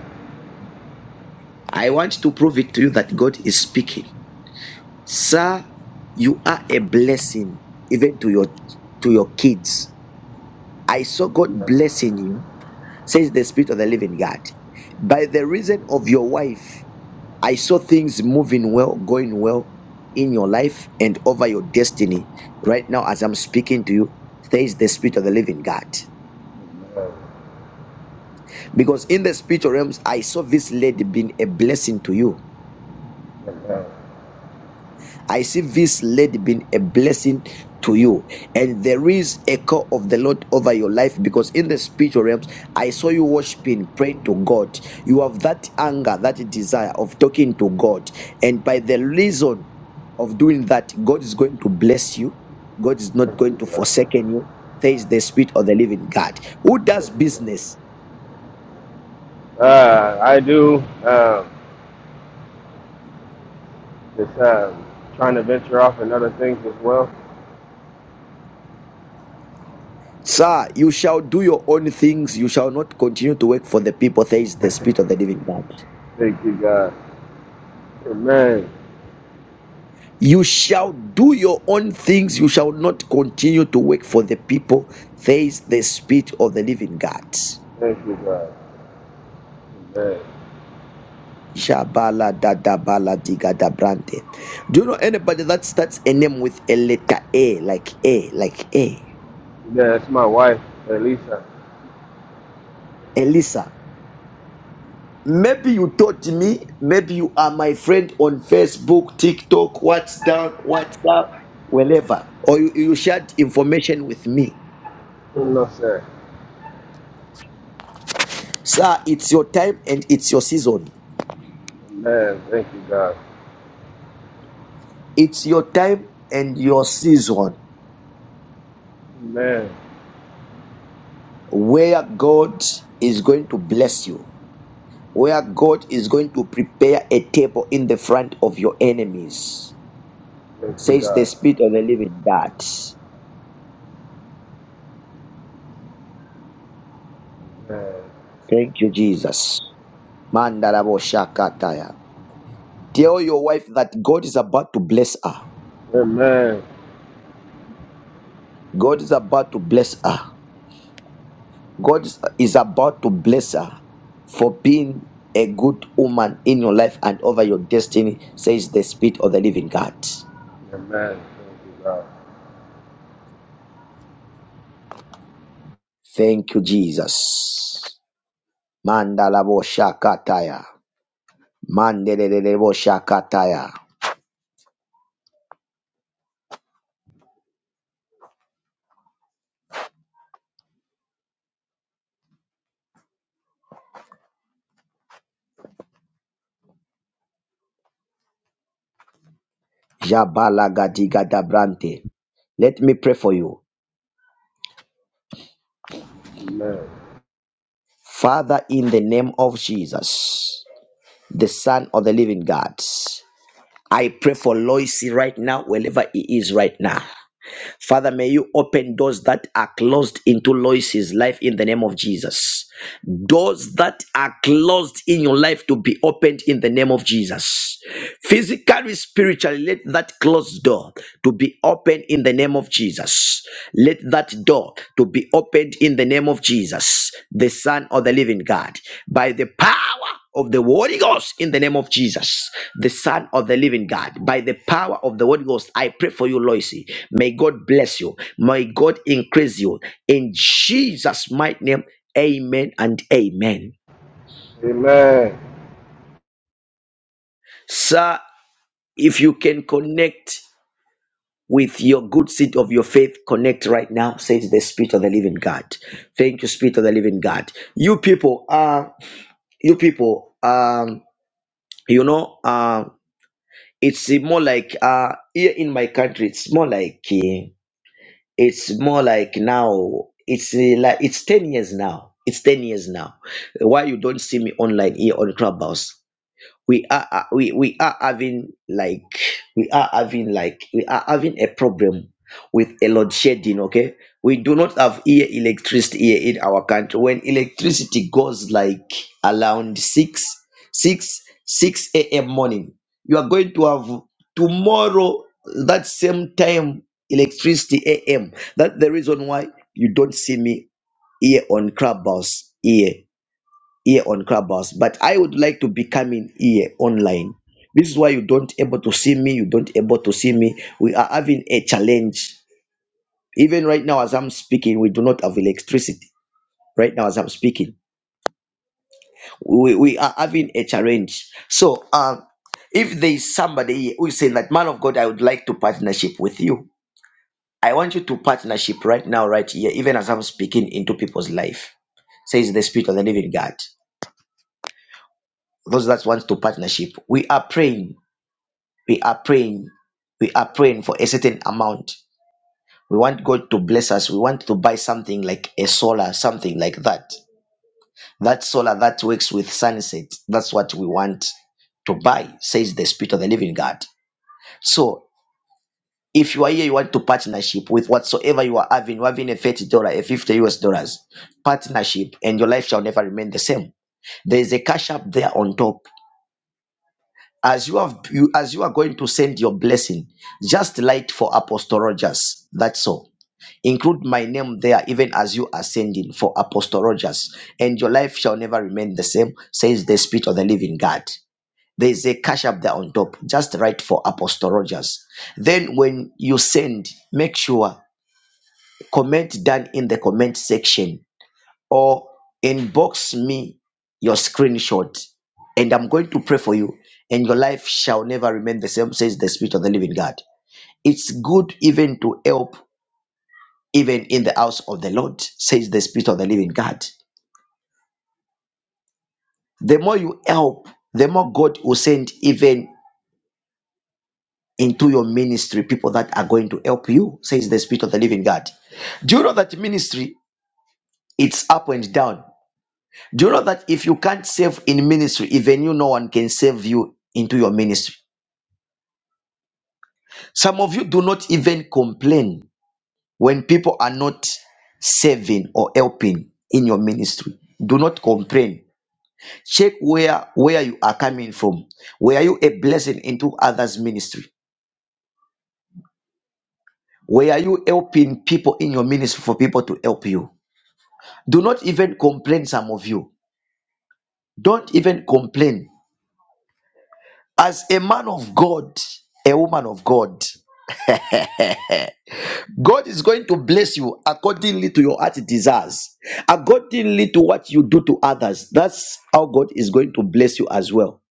Speaker 1: I want to prove it to you that God is speaking. Sir, you are a blessing even to your to your kids. I saw God
Speaker 6: Amen.
Speaker 1: blessing you, says the Spirit of the Living God. By the reason of your wife, I saw things moving well, going well in your life and over your destiny. Right now, as I'm speaking to you, there is the Spirit of the Living God. Because in the spiritual realms, I saw this lady being a blessing to you
Speaker 6: Amen.
Speaker 1: I see this lady being a blessing to you, and there is a call of the Lord over your life because in the spiritual realms, I saw you worshiping, praying to God. You have that anger, that desire of talking to God, and by the reason of doing that, God is going to bless you. God is not
Speaker 6: Thank
Speaker 1: going
Speaker 6: you,
Speaker 1: to
Speaker 6: God.
Speaker 1: forsaken you. There is the spirit of the living God who does
Speaker 6: Thank you, Lord.
Speaker 1: business.
Speaker 6: Uh, I do. Um, just um, trying to venture off in other things as well.
Speaker 1: Sir, you shall do your own things. You shall not continue to work for the people. There is the spirit of the living God.
Speaker 6: Thank you, God. Amen.
Speaker 1: You shall do your own things. You shall not continue to work for the people. Says the Spirit of the Living God.
Speaker 6: Thank you, God. Amen.
Speaker 1: Shabala da da bala diga da brante. Do you know anybody that starts a name with a letter A, like A, like A?
Speaker 6: Yeah, it's my wife, Elisa.
Speaker 1: Elisa. Maybe you taught me. Maybe you are my friend on Facebook, TikTok, what's WhatsApp, wherever. Or you, you shared information with me.
Speaker 6: No, sir.
Speaker 1: Sir, it's your time and it's your season.
Speaker 6: Amen. Thank you, God.
Speaker 1: It's your time and your season
Speaker 6: Amen.
Speaker 1: where God is going to bless you, where God is going to prepare a table in the front of your enemies,
Speaker 6: Thank you,
Speaker 1: says the
Speaker 6: God.
Speaker 1: Spirit of the Living God.
Speaker 6: Amen.
Speaker 1: Thank you, Jesus. Mandarabo shakataya. Tell your wife that God is about to bless her.
Speaker 6: Amen.
Speaker 1: God is about to bless her. God is is about to bless her for being a good woman in your life and over your destiny, says the Spirit of the Living God.
Speaker 6: Amen. Thank you, God.
Speaker 1: Thank you, Jesus. Mandala boshakataya. Mandelele boshakataya. Jabala gadiga dabrante. Let me pray for you.
Speaker 6: Amen.
Speaker 1: Father, in the name of Jesus, the Son of the Living God, I pray for Lois right now, wherever he is right now. Father, may you open doors that are closed into Lois's life in the name of Jesus. Doors that are closed in your life to be opened in the name of Jesus. Physically, spiritually, let that closed door to be opened in the name of Jesus. Let that door to be opened in the name of Jesus, the Son of the Living God, by the power of the Holy Ghost in the name of Jesus, the Son of the Living God. By the power of the Holy Ghost, I pray for you, Loisy. May God bless you. May God increase you. In Jesus' mighty name, amen and amen.
Speaker 6: Amen.
Speaker 1: Sir, if you can connect with your good seed of your faith connect right now says the spirit of the living god thank you spirit of the living god you people uh you people um you know uh it's more like uh here in my country it's more like uh, it's more like now it's uh, like it's 10 years now it's 10 years now why you don't see me online here on clubhouse we are uh, we, we are having like we are having like we are having a problem with a load shedding okay we do not have here electricity here in our country when electricity goes like around 6 6 6 a.m morning you are going to have tomorrow that same time electricity am that's the reason why you don't see me here on clubhouse here here on Clubhouse, but I would like to be coming here online. This is why you don't able to see me. You don't able to see me. We are having a challenge. Even right now, as I'm speaking, we do not have electricity. Right now, as I'm speaking, we, we are having a challenge. So, um, if we say that man would like to partnership with you, I want you to partnership right now, right here, even as I'm speaking into people's life. Says the Spirit of the Living God. Those that want to partnership, we are praying We are praying. We are praying for a certain amount. We want God to bless us. We want to buy something like a solar, something like that. That solar that works with sunset. So if you want to partnership with whatsoever you are having, you're having a $30, a 50 US dollars partnership, and your life shall never remain the same. There is a cash up there on top. As you have you as you are going to send your blessing, just light for Apostle Rogers. That's all Include my name there, even as you are sending for Apostle Rogers, and your life shall never remain the same, says the Spirit of the Living God. There is a cash up there on top. Just write for Apostle Rogers. Then, when you send, make sure comment down in the comment section or inbox me your screenshot, and I'm going to pray for you, and your life shall never remain the same, says the Spirit of the Living God. It's good even to help even in the house of the Lord, says the Spirit of the living God. The more you help, the more God will send even into your ministry people that are going to help you, says the Spirit of the living God. Do you know that ministry, it's up and down? Do you know that if you can't save in ministry, even you, no one can save you into your ministry? Some of you do not even complain when people are not saving or helping in your ministry. Do not complain Check where where you are coming from. Were you a blessing into others' ministry? Were you helping people in your ministry for people to help you? Do not even complain, some of you. Don't even complain. As a man of God, a woman of God, God is going to bless you accordingly to your heart desires, accordingly to what you do to others. That's how God is going to bless you as well.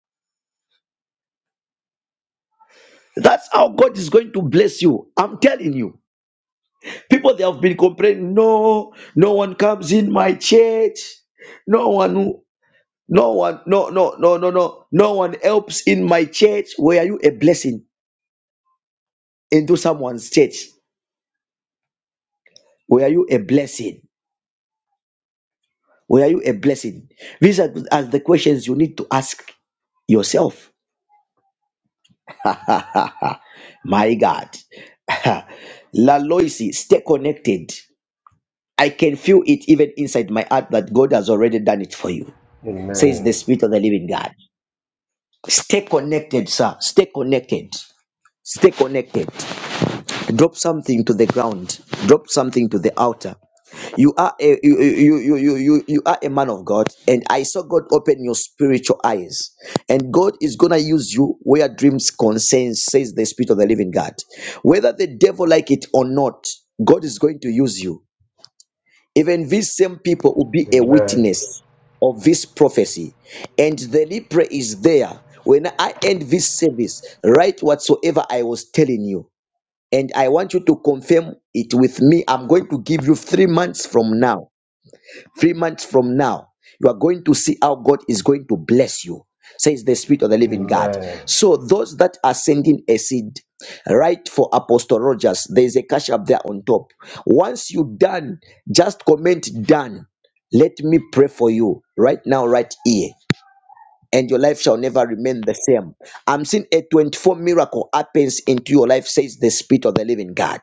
Speaker 1: That's how God is going to bless you. I'm telling you. People they have been complaining, no, no one comes in my church. No one who- no one no no no no no no one helps in my church. Were you a blessing into someone's church? Were you a blessing? Were you a blessing? These are, are the questions you need to ask yourself. my God. La Loisi, stay connected. I can feel it even inside my heart that God has already done it for you, says the
Speaker 6: Amen.
Speaker 1: Spirit of the Living God. Stay connected, sir. Stay connected. Stay connected. Drop something to the ground. Drop something to the altar. You are a you you you you you, you are a man of God, and I saw God open your spiritual eyes. And God is gonna use you where dreams concern, says the Spirit of the Living God. Whether the devil like it or not, God is going to use you. Even these same people will be a
Speaker 6: Amen.
Speaker 1: witness of this prophecy. And the Lipre is there. When I end this service, write whatsoever I was telling you. And I want you to confirm it with me. I'm going to give you three months from now Three months from now, you are going to see how God is going to bless you, says the Spirit of the Living God.
Speaker 6: Amen.
Speaker 1: So, those that are sending a seed, right for Apostle Rogers, there is a cash up there on top. Once you done, just comment done. Let me pray for you right now, right here. And your life shall never remain the same. I'm seeing a 24 miracle happens into your life, says the Spirit of the Living God.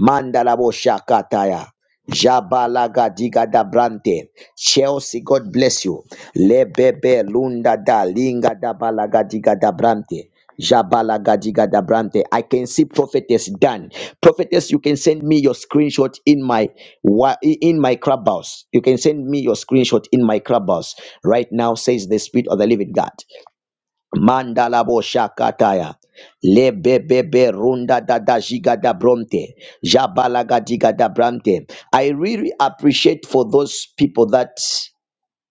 Speaker 1: Mandalabo Shakataya. Jabalaga diga da brante. Chelsea, God bless you. Lebebe lunda da linga da balaga diga da brante. Jabalaga diga da brante. I can see prophetess Dan. Prophetess, you can send me your screenshot in my wa- in my clubhouse. You can send me your screenshot in my clubhouse right now. Says the spirit of the living God. Mandala bo shakataya. Lebebebe runda da da jiga da bronte. Jabalaga diga da brante. I really appreciate for those people that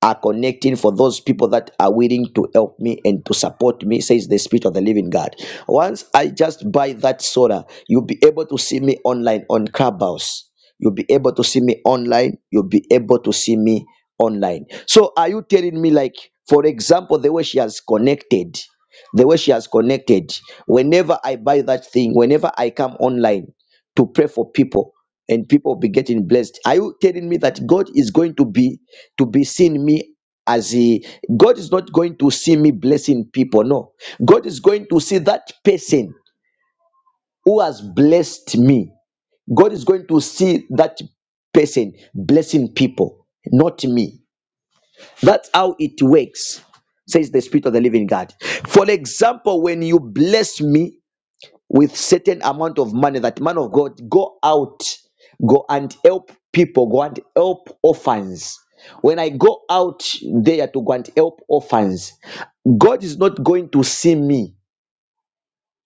Speaker 1: are connecting for those people that are willing to help me and to support me, says the Spirit of the Living God. Once I just buy that soda, you'll be able to see me online on Clubhouse. You'll be able to see me online. You'll be able to see me online. So, are you telling me, like, for example, the way she has connected, the way she has connected, whenever I buy that thing, whenever I come online to pray for people and people be getting blessed, are you telling me that God is going to be to be seen me as a God is not going to see me blessing people. No, God is going to see that person who has blessed me. God is going to see that person blessing people, not me. That's how it works, says the Spirit of the Living God. For example, when you bless me, with certain amount of money that man of god go out go and help people go and help orphans when i go out there to go and help orphans god is not going to see me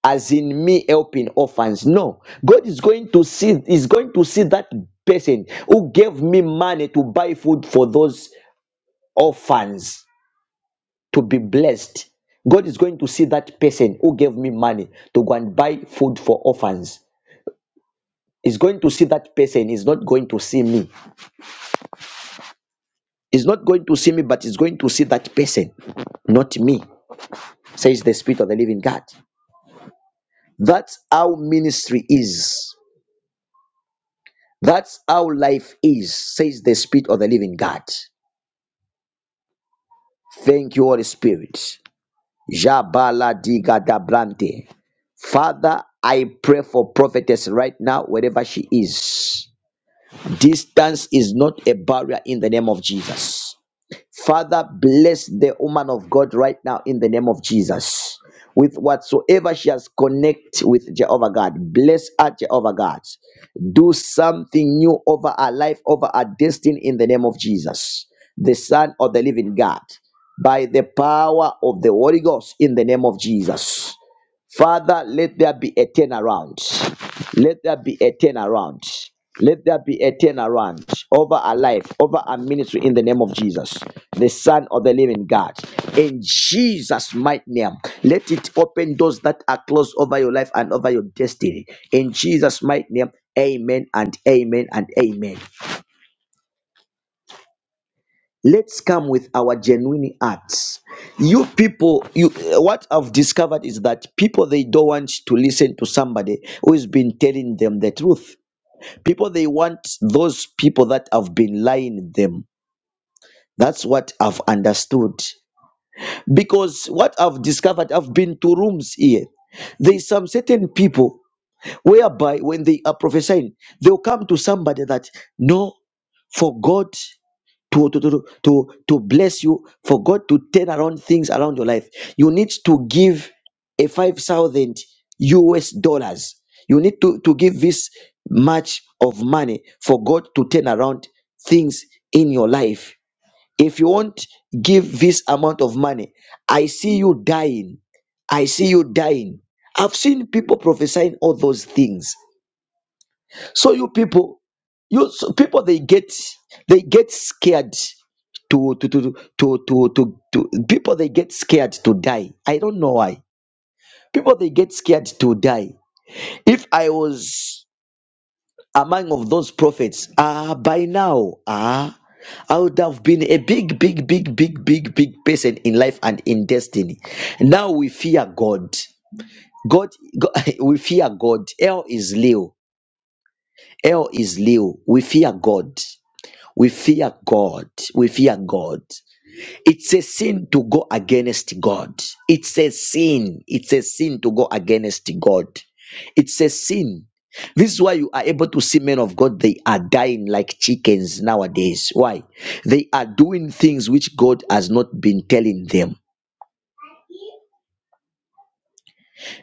Speaker 1: as in me helping orphans no god is going to see is going to see that person who gave me money to buy food for those orphans to be blessed god is going to see that person who gave me money to go and buy food for orphans He's going to see that person. He's not going to see me. He's not going to see me, but he's going to see that person, not me, says the Spirit of the living God. That's how ministry is. That's how life is, says the Spirit of the living God. Thank you, Holy Spirit. Jabala diga da brante. Father, I pray for prophetess right now, wherever she is. Distance is not a barrier in the name of Jesus. now in the name of Jesus. With whatsoever she has connect with Jehovah God, bless her, Jehovah God. Do something new over our life, over our destiny in the name of Jesus, the Son of the Living God, by the power of the Holy Ghost in the name of Jesus. Father, let there be a turnaround. Let there be a turnaround. Let there be a turnaround over our life, over our ministry in the name of Jesus, the Son of the Living God. In Jesus' mighty name, let it open doors that are closed over your life and over your destiny. In Jesus' mighty name, amen and amen and amen let's come with our genuine acts you people you what i've discovered is that people they don't want to listen to somebody who has been telling them the truth people they want those people that have been lying them that's what i've understood because what i've discovered i've been to rooms here there's some certain people whereby when they are prophesying they'll come to somebody that no for god to, to, to, to, to bless you, for God to turn around things around your life. You need to give a 5,000 US dollars. You need to, to give this much of money for God to turn around things in your life. If you won't give this amount of money, I see you dying. I see you dying. I've seen people prophesying all those things. So you people, you so people, they get they get scared to to to to to to, to people. They get scared to die. I don't know why. People they get scared to die. If I was among of those prophets, ah, by now, ah, I would have been a big, big, big, big, big, big person in life and in destiny. Now we fear God. God, God we fear God. L is Leo. L is Leo. We fear God. We fear God. We fear God. It's a sin to go against God. It's a sin. It's a sin to go against God. It's a sin. This is why you are able to see men of God, they are dying like chickens nowadays. Why? They are doing things which God has not been telling them.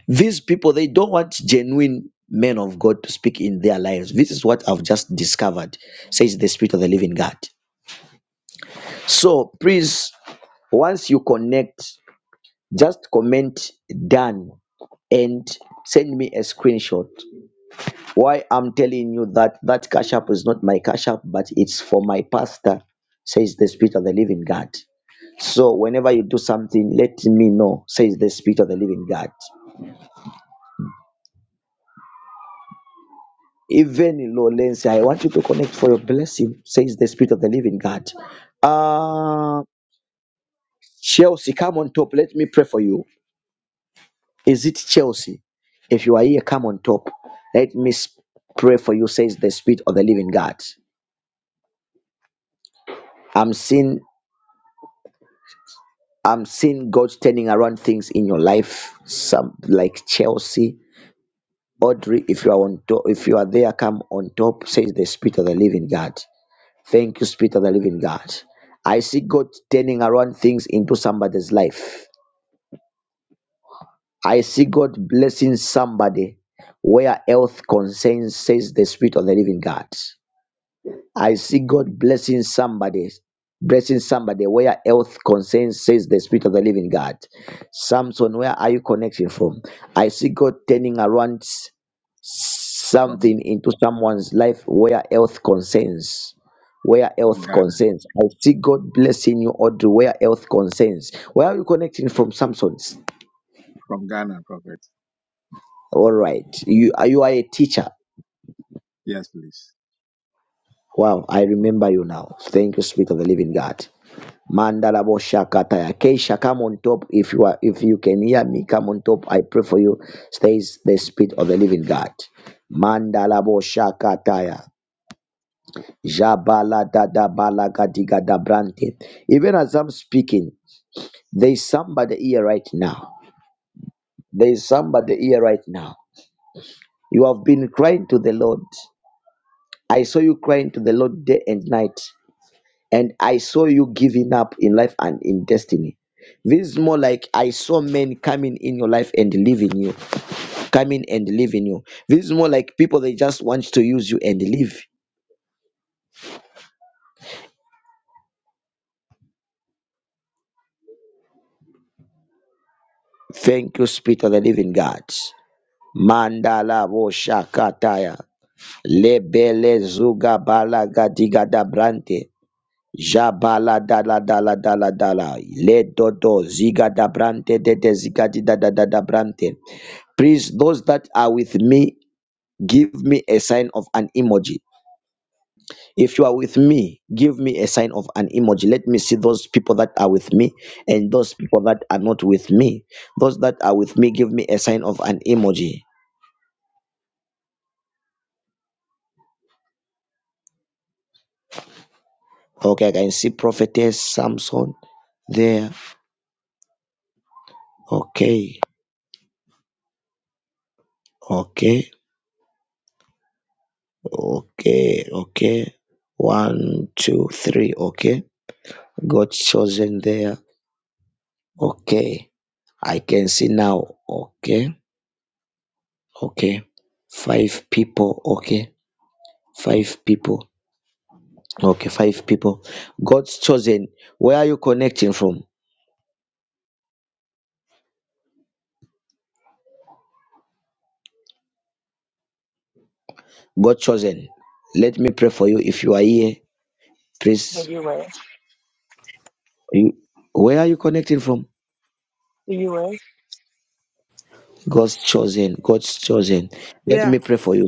Speaker 1: These people, they don't want genuine men of God to speak in their lives. This is what I've just discovered, says the Spirit of the Living God. So please, once you connect just comment done and send me a screenshot why i'm telling you that that cash app is not my cash app but it's for my pastor says the spirit of the living god so whenever you do something let me know says the spirit of the living god even Lawrence, I want you to connect for your blessing, says the Spirit of the Living God. Uh, Chelsea, come on top. Let me pray for you. Is it Chelsea? If you are here, come on top. Let me s- pray for you, says the Spirit of the Living God. I'm seeing, I'm seeing God turning around things in your life, some like Chelsea. Audrey, if you are on top, if you are there, come on top, says the Spirit of the Living God. Thank you, Spirit of the Living God. I see God turning around things into somebody's life. I see God blessing somebody where health concerns, says the Spirit of the Living God. I see God blessing somebody, blessing somebody where health concerns, says the Spirit of the Living God. Samson, where are you connecting from? I see God turning around
Speaker 7: from
Speaker 1: something into someone's life where health concerns. Where
Speaker 7: from
Speaker 1: health
Speaker 7: Ghana.
Speaker 1: concerns. I see God blessing you, Audrey, where health concerns. Where are you connecting from, Samson's?
Speaker 7: From Ghana, Prophet.
Speaker 1: All right. You, are you are a teacher.
Speaker 7: Yes, please.
Speaker 1: Wow, I remember you now. Thank you, Spirit of the Living God. Mandala Boshakataya. Keisha, come on top if you are if you can hear me. Come on top. I pray for you. Stays the spirit of the living God. Mandala Boshakataya. Jabala Dada Balagadiga Dabrante. Even as I'm speaking, there is somebody here right now. There is somebody here right now. You have been crying to the Lord. I saw you crying to the Lord day and night. And I saw you giving up in life and in destiny. This is more like I saw men coming in your life and leaving you, coming and leaving you. This is more like if- thank you, Spirit of the Living God. Mandala bo shakataya lebele zuga balaga gadiga da brante jala dala dala dala dala yodo ziga da brante gadi da da da da brante. Please, those that are give me a sign of an emoji. If you are with me, give me a sign of an emoji. Let me see those people that are with me and those people that are not with me. Those that are with me, give me a sign of an emoji. Okay, there. O- Okay, okay, okay. One, two, three. Okay, got chosen there. Okay, I can see now. Okay, okay. Five people. Okay, five people. Okay, five people. God's chosen. Where are you connecting from? God chosen, let me pray for you. If you are here,
Speaker 8: the
Speaker 1: please,
Speaker 8: U.S.,
Speaker 1: you, where are you connecting from?
Speaker 8: the U.S.
Speaker 1: God's chosen, God's chosen. Let
Speaker 9: Yeah.
Speaker 1: me pray for you.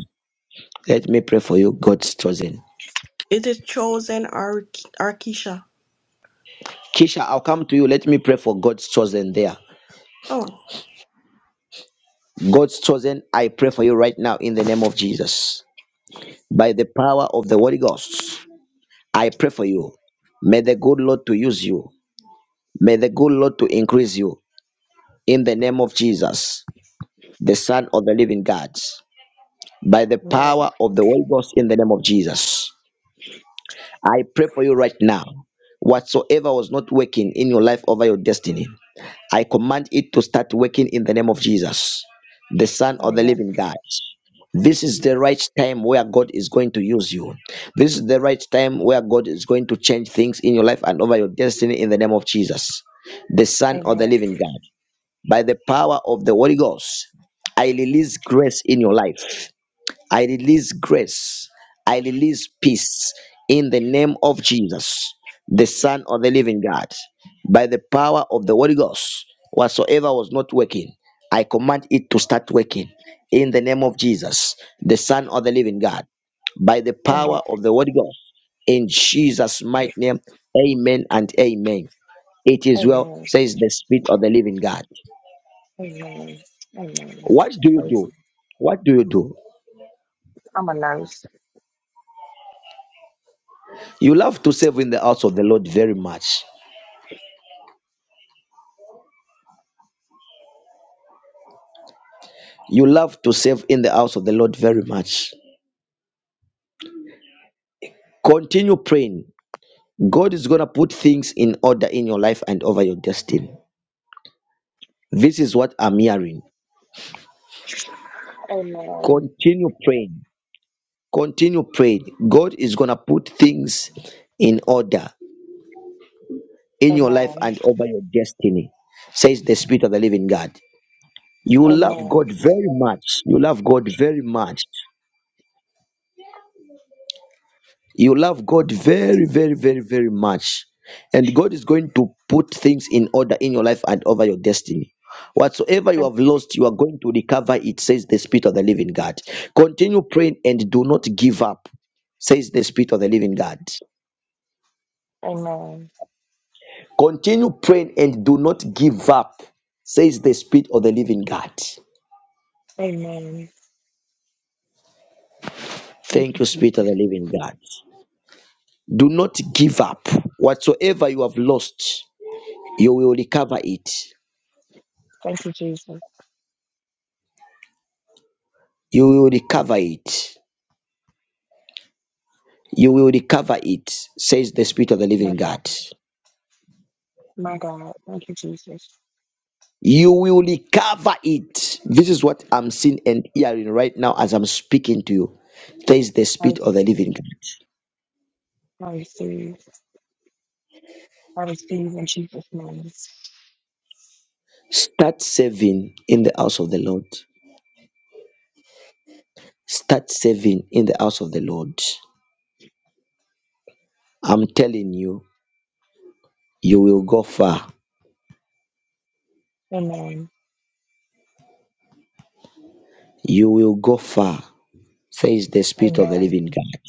Speaker 1: Let me pray for you, God's chosen.
Speaker 9: It is chosen Ar- Arkisha.
Speaker 1: Kisha, I'll come to you. Let me pray for God's chosen there.
Speaker 9: Oh,
Speaker 1: God's chosen, I pray for you right now in the name of Jesus. By the power of the Holy Ghost, I pray for you. May the good Lord to use you. May the good Lord to increase you in the name of Jesus, the Son of the living God. by the
Speaker 8: Amen.
Speaker 1: power of the Holy Ghost in the name of Jesus. I pray for you right now. Whatsoever was not working in your life over your destiny, I command it to start working in the name of Jesus, the Son of the
Speaker 8: Amen.
Speaker 1: Living God. This is the right time where God is going to use you. This is the right time where God is going to change things in your life and over your destiny in the name of Jesus, the Son of the
Speaker 8: Amen.
Speaker 1: Living God. By the power of the Holy Ghost, I release grace in your life. I release grace. I release peace in the name of Jesus, the Son of the living God, by the power of the Holy Ghost. Whatsoever was not working, I command it to start working in the name of Jesus, the Son of the living God, by the
Speaker 8: Amen.
Speaker 1: power of the Holy Ghost. In Jesus' mighty name, amen and amen. It is well,
Speaker 8: Amen.
Speaker 1: says the Spirit of the living God.
Speaker 8: Amen. Amen. Listen, I'm a nurse.
Speaker 1: You love to serve in the house of the Lord very much. Continue praying God is going to put things in order in your life and over your destiny. This is what I'm hearing.
Speaker 8: Amen.
Speaker 1: Continue praying. Continue praying. God is going to put things in order in your life
Speaker 8: Amen.
Speaker 1: and over your destiny, says the Spirit of the living God. You love
Speaker 8: Amen.
Speaker 1: God very much. You love God very much. You love God very, very, very, very much. And God is going to put things in order in your life and over your destiny. Whatsoever you
Speaker 8: Thank-
Speaker 1: have lost, you are going to recover it, says the Spirit of the Living God. Continue praying and do not give up, says the Spirit of the Living God.
Speaker 8: Amen.
Speaker 1: Continue praying and do not give up, says the Spirit of the Living God.
Speaker 8: Amen. Thank
Speaker 1: Thank
Speaker 8: you,
Speaker 1: you,
Speaker 8: Jesus.
Speaker 1: God.
Speaker 8: Thank you, Jesus.
Speaker 1: You will recover it. You will recover it, says the Spirit of the
Speaker 8: My
Speaker 1: Living
Speaker 8: God.
Speaker 1: God.
Speaker 8: My God. Thank you, Jesus.
Speaker 1: You cover it. You.
Speaker 8: I receive. I receive. I receive in Jesus' name.
Speaker 1: Start saving in the house of the Lord. Start saving in the house of the Lord. I'm telling you, you will go far.
Speaker 8: Amen.
Speaker 1: You will go far, says the Spirit of the
Speaker 8: Amen.
Speaker 1: living God.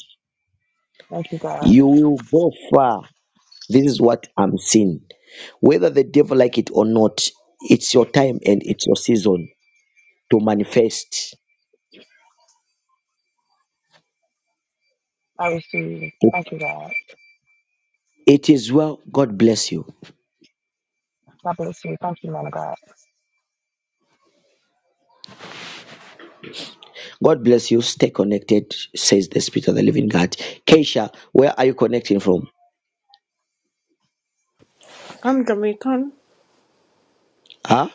Speaker 8: Thank you, God.
Speaker 1: You will go far. This is what I'm seeing. Whether the devil like it or not, it's your time and it's your season to manifest.
Speaker 8: I receive. Thank you, God.
Speaker 1: It is well. God bless you.
Speaker 8: God bless you. Thank you, man of God.
Speaker 1: God bless you. Stay connected, says the Spirit of the Living God. Keisha, where are you connecting from?
Speaker 9: I'm Jamaican.
Speaker 1: Huh?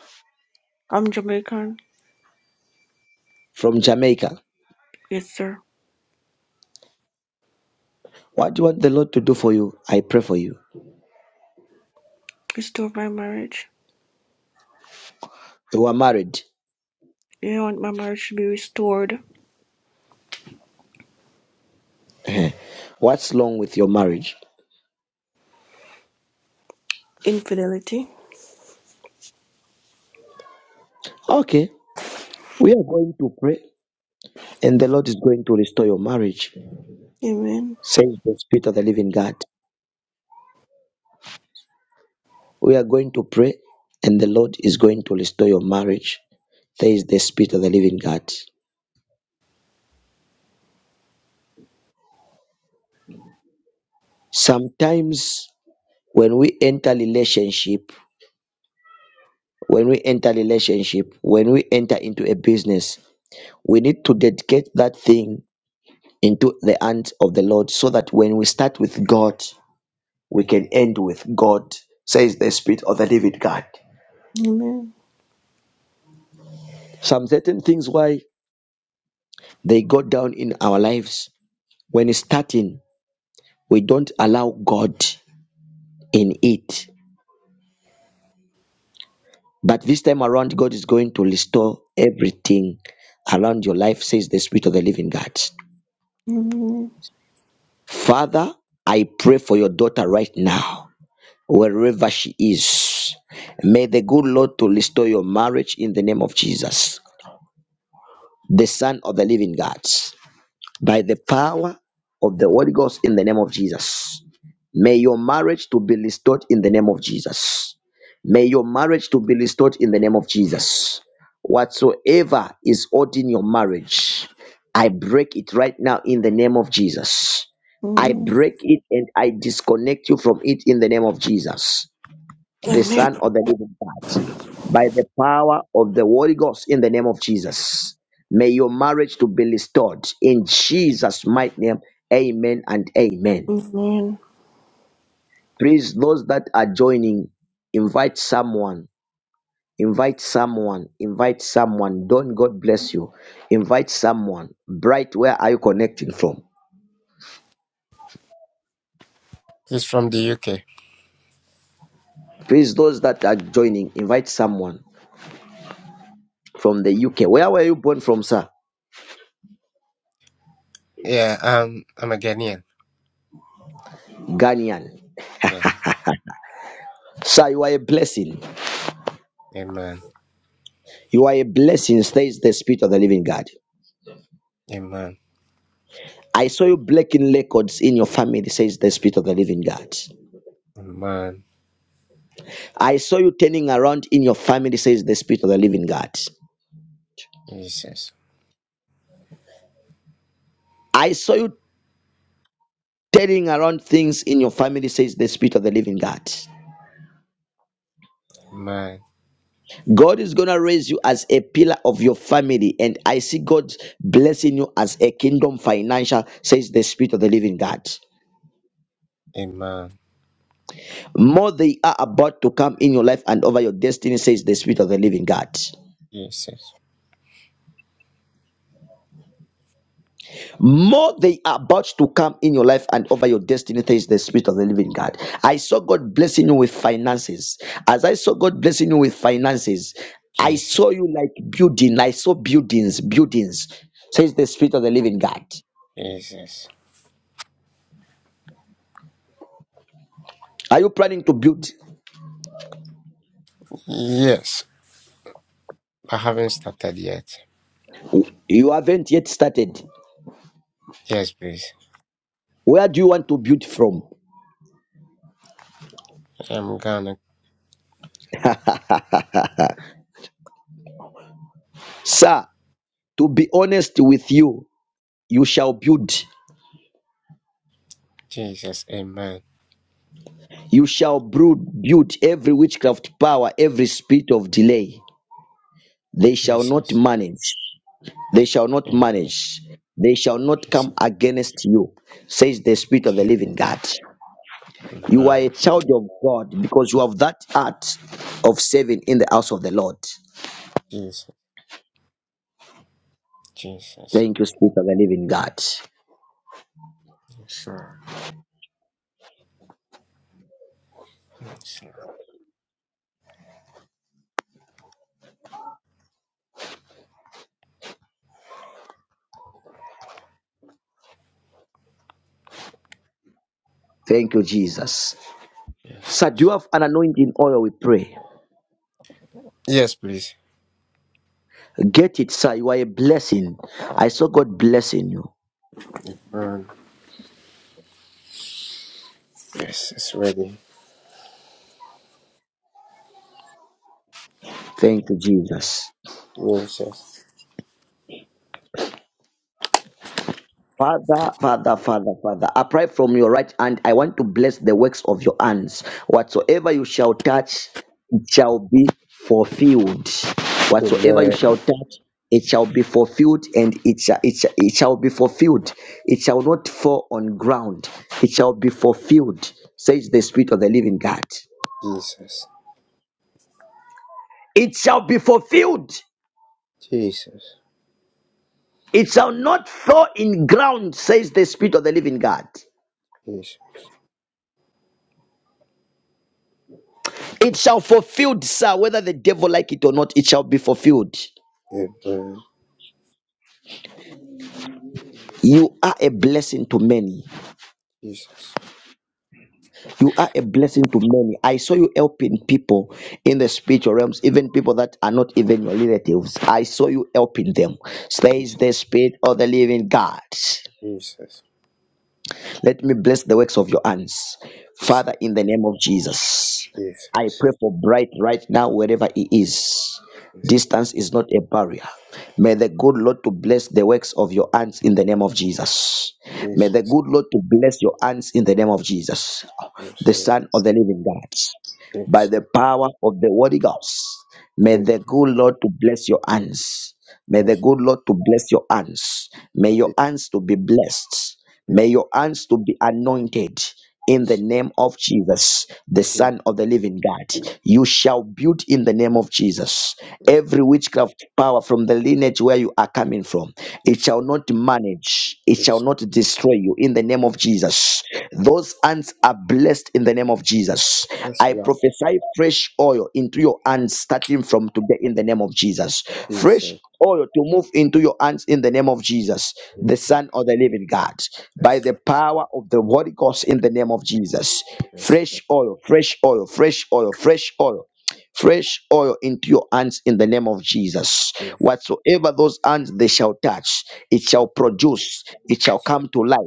Speaker 9: I'm Jamaican. Yes, sir. Restore my marriage. I want my marriage to be restored.
Speaker 1: What's wrong with your marriage?
Speaker 9: Infidelity.
Speaker 1: We are and the Spirit
Speaker 9: Amen.
Speaker 1: of the living God. We are going to pray, and the Lord is rich. There is the Spirit of the living God. Sometimes when we enter relationship, when we enter relationship, when we enter into a business, dedicate that thing into the hands of the Lord so that when we start with God, we can end with God, says the Spirit of the living God.
Speaker 9: Amen.
Speaker 1: Some certain things why they go down in our lives when it's starting, we don't allow God in it But this time around, God is going to restore everything around your life, says the Spirit of the Living God.
Speaker 9: Amen.
Speaker 1: Father, I pray for your daughter right now, wherever she is. May the good Lord to restore your marriage in the name of Jesus, the Son of the Living God, by the power of the Holy Ghost in the name of Jesus. May your marriage to be restored in the name of Jesus. May your marriage to be restored in the name of Jesus. Whatsoever is odd in your marriage I break it right now in the name of Jesus. I
Speaker 9: Amen.
Speaker 1: break it and I disconnect you from it in the name of Jesus, the Son of the Living God. By the power of the Holy Ghost in the name of Jesus. May your marriage to be restored in Jesus' mighty name. Amen and amen.
Speaker 9: Amen.
Speaker 1: Please, those that are joining, invite someone. Invite someone. Invite someone. Don't God bless you. Invite someone. Bright, where are you connecting from?
Speaker 10: He's from the UK.
Speaker 1: Please, those that are joining, invite someone from the UK. Where were you born from, sir?
Speaker 10: Yeah, um, I'm a Ghanaian.
Speaker 1: Ghanaian.
Speaker 10: Yeah,
Speaker 1: Sir, you are a blessing.
Speaker 10: amen,
Speaker 1: You are a blessing, says the Spirit of the Living God.
Speaker 10: amen,
Speaker 1: I saw you breaking records in your family, says the Spirit of the Living God.
Speaker 10: amen,
Speaker 1: I saw you turning around in your family, says the Spirit of the Living God.
Speaker 10: Jesus,
Speaker 1: I saw you turning around things in your family, says the Spirit of the Living God.
Speaker 10: amen,
Speaker 1: God is going to raise you as a pillar of your family. And I see God blessing you as a kingdom financial, says the Spirit of the living God.
Speaker 10: amen,
Speaker 1: More they are about to come in your life and over your destiny, says the Spirit of the living God.
Speaker 10: Jesus,
Speaker 1: More they are about to come in your life and over your destiny, says the Spirit of the living God. I saw God blessing you with finances. As I saw God blessing you with finances, I
Speaker 10: Jesus,
Speaker 1: saw you like building. I saw buildings, buildings, says the Spirit of the living God.
Speaker 10: Jesus.
Speaker 1: Are you planning to build?
Speaker 10: Yes, I haven't started yet.
Speaker 1: You haven't yet started.
Speaker 10: Yes, please.
Speaker 1: Where do you want to build from?
Speaker 10: I'm gonna,
Speaker 1: Sir, to be honest with you, you shall build.
Speaker 10: Jesus, amen,
Speaker 1: You shall brood, build every witchcraft power, every spirit of delay. They shall not
Speaker 10: Jesus,
Speaker 1: manage. They shall not
Speaker 10: amen,
Speaker 1: manage. They shall not come
Speaker 10: Jesus,
Speaker 1: against you, says the Spirit of the
Speaker 10: Jesus,
Speaker 1: Living God. You are a
Speaker 10: amen,
Speaker 1: child of God because you have that heart of serving in the house of the Lord.
Speaker 10: Jesus, Jesus,
Speaker 1: Thank you, Spirit of the Living God.
Speaker 10: yes, Lord, yes, Lord,
Speaker 1: Thank you, Jesus. Sir, do you
Speaker 10: Jesus.
Speaker 1: have an anointing oil? We pray.
Speaker 10: Yes, please.
Speaker 1: Get it, sir. You are a blessing. I saw God blessing you.
Speaker 10: Um, yes, it's ready.
Speaker 1: Thank you, Jesus.
Speaker 10: Jesus,
Speaker 1: Father, Father, Father, Father, upright from your right hand, I want to bless the works of your hands. Whatsoever you shall touch, it shall be fulfilled. Whatsoever you
Speaker 10: amen.
Speaker 1: shall touch, it shall be fulfilled, and it shall, it shall, it shall be fulfilled. It shall not fall on ground. It shall be fulfilled, says the Spirit of the living God.
Speaker 10: Jesus,
Speaker 1: It shall be fulfilled
Speaker 10: Jesus, Jesus,
Speaker 1: It shall fulfilled, sir, whether the devil like it or not, it shall be fulfilled. You
Speaker 10: Amen,
Speaker 1: are a blessing to many.
Speaker 10: Jesus,
Speaker 1: You are a blessing to many. I saw you helping people in the spiritual realms, even people that are not even your relatives. I saw you helping them. Stay
Speaker 10: Jesus,
Speaker 1: living God.
Speaker 10: Jesus,
Speaker 1: Let me bless the works of your hands.
Speaker 10: Jesus,
Speaker 1: Father, in the name of Jesus, I
Speaker 10: Jesus,
Speaker 1: pray for Bright right now, wherever he is.
Speaker 10: Jesus,
Speaker 1: Distance is not a barrier May the good Lord to bless the works of your hands in the name of Jesus. May
Speaker 10: Jesus,
Speaker 1: the
Speaker 10: Jesus,
Speaker 1: good Lord to bless your hands in the name of Jesus,
Speaker 10: Jesus,
Speaker 1: the Son of the Living God,
Speaker 10: Jesus,
Speaker 1: by the power of the Holy Ghost. May the good Lord to bless your hands. May the good Lord to bless your hands. May your hands to be blessed. May your hands to be anointed in the
Speaker 10: Jesus,
Speaker 1: name of Jesus, the Son of the Living God. You shall build in the name of Jesus.
Speaker 10: Jesus,
Speaker 1: Every witchcraft power from the lineage where you are coming from, it
Speaker 10: Jesus,
Speaker 1: shall not manage, it shall not destroy you in the name of Jesus. Those hands are blessed in the name of Jesus.
Speaker 10: that's
Speaker 1: I
Speaker 10: not
Speaker 1: prophesy fresh oil into your hands starting from today in the name of Jesus. Fresh
Speaker 10: Jesus,
Speaker 1: oil to move into your hands in the name of Jesus, the
Speaker 10: Jesus,
Speaker 1: Son of the Living God, by
Speaker 10: that's
Speaker 1: the
Speaker 10: not,
Speaker 1: power of the Holy Ghost in the name of Jesus.
Speaker 10: that's not,
Speaker 1: Fresh oil, fresh oil, fresh oil, fresh oil. Fresh oil into your hands in the name of Jesus.
Speaker 10: Jesus,
Speaker 1: Whatsoever those hands they shall touch, it shall produce, it shall
Speaker 10: that's not,
Speaker 1: come to life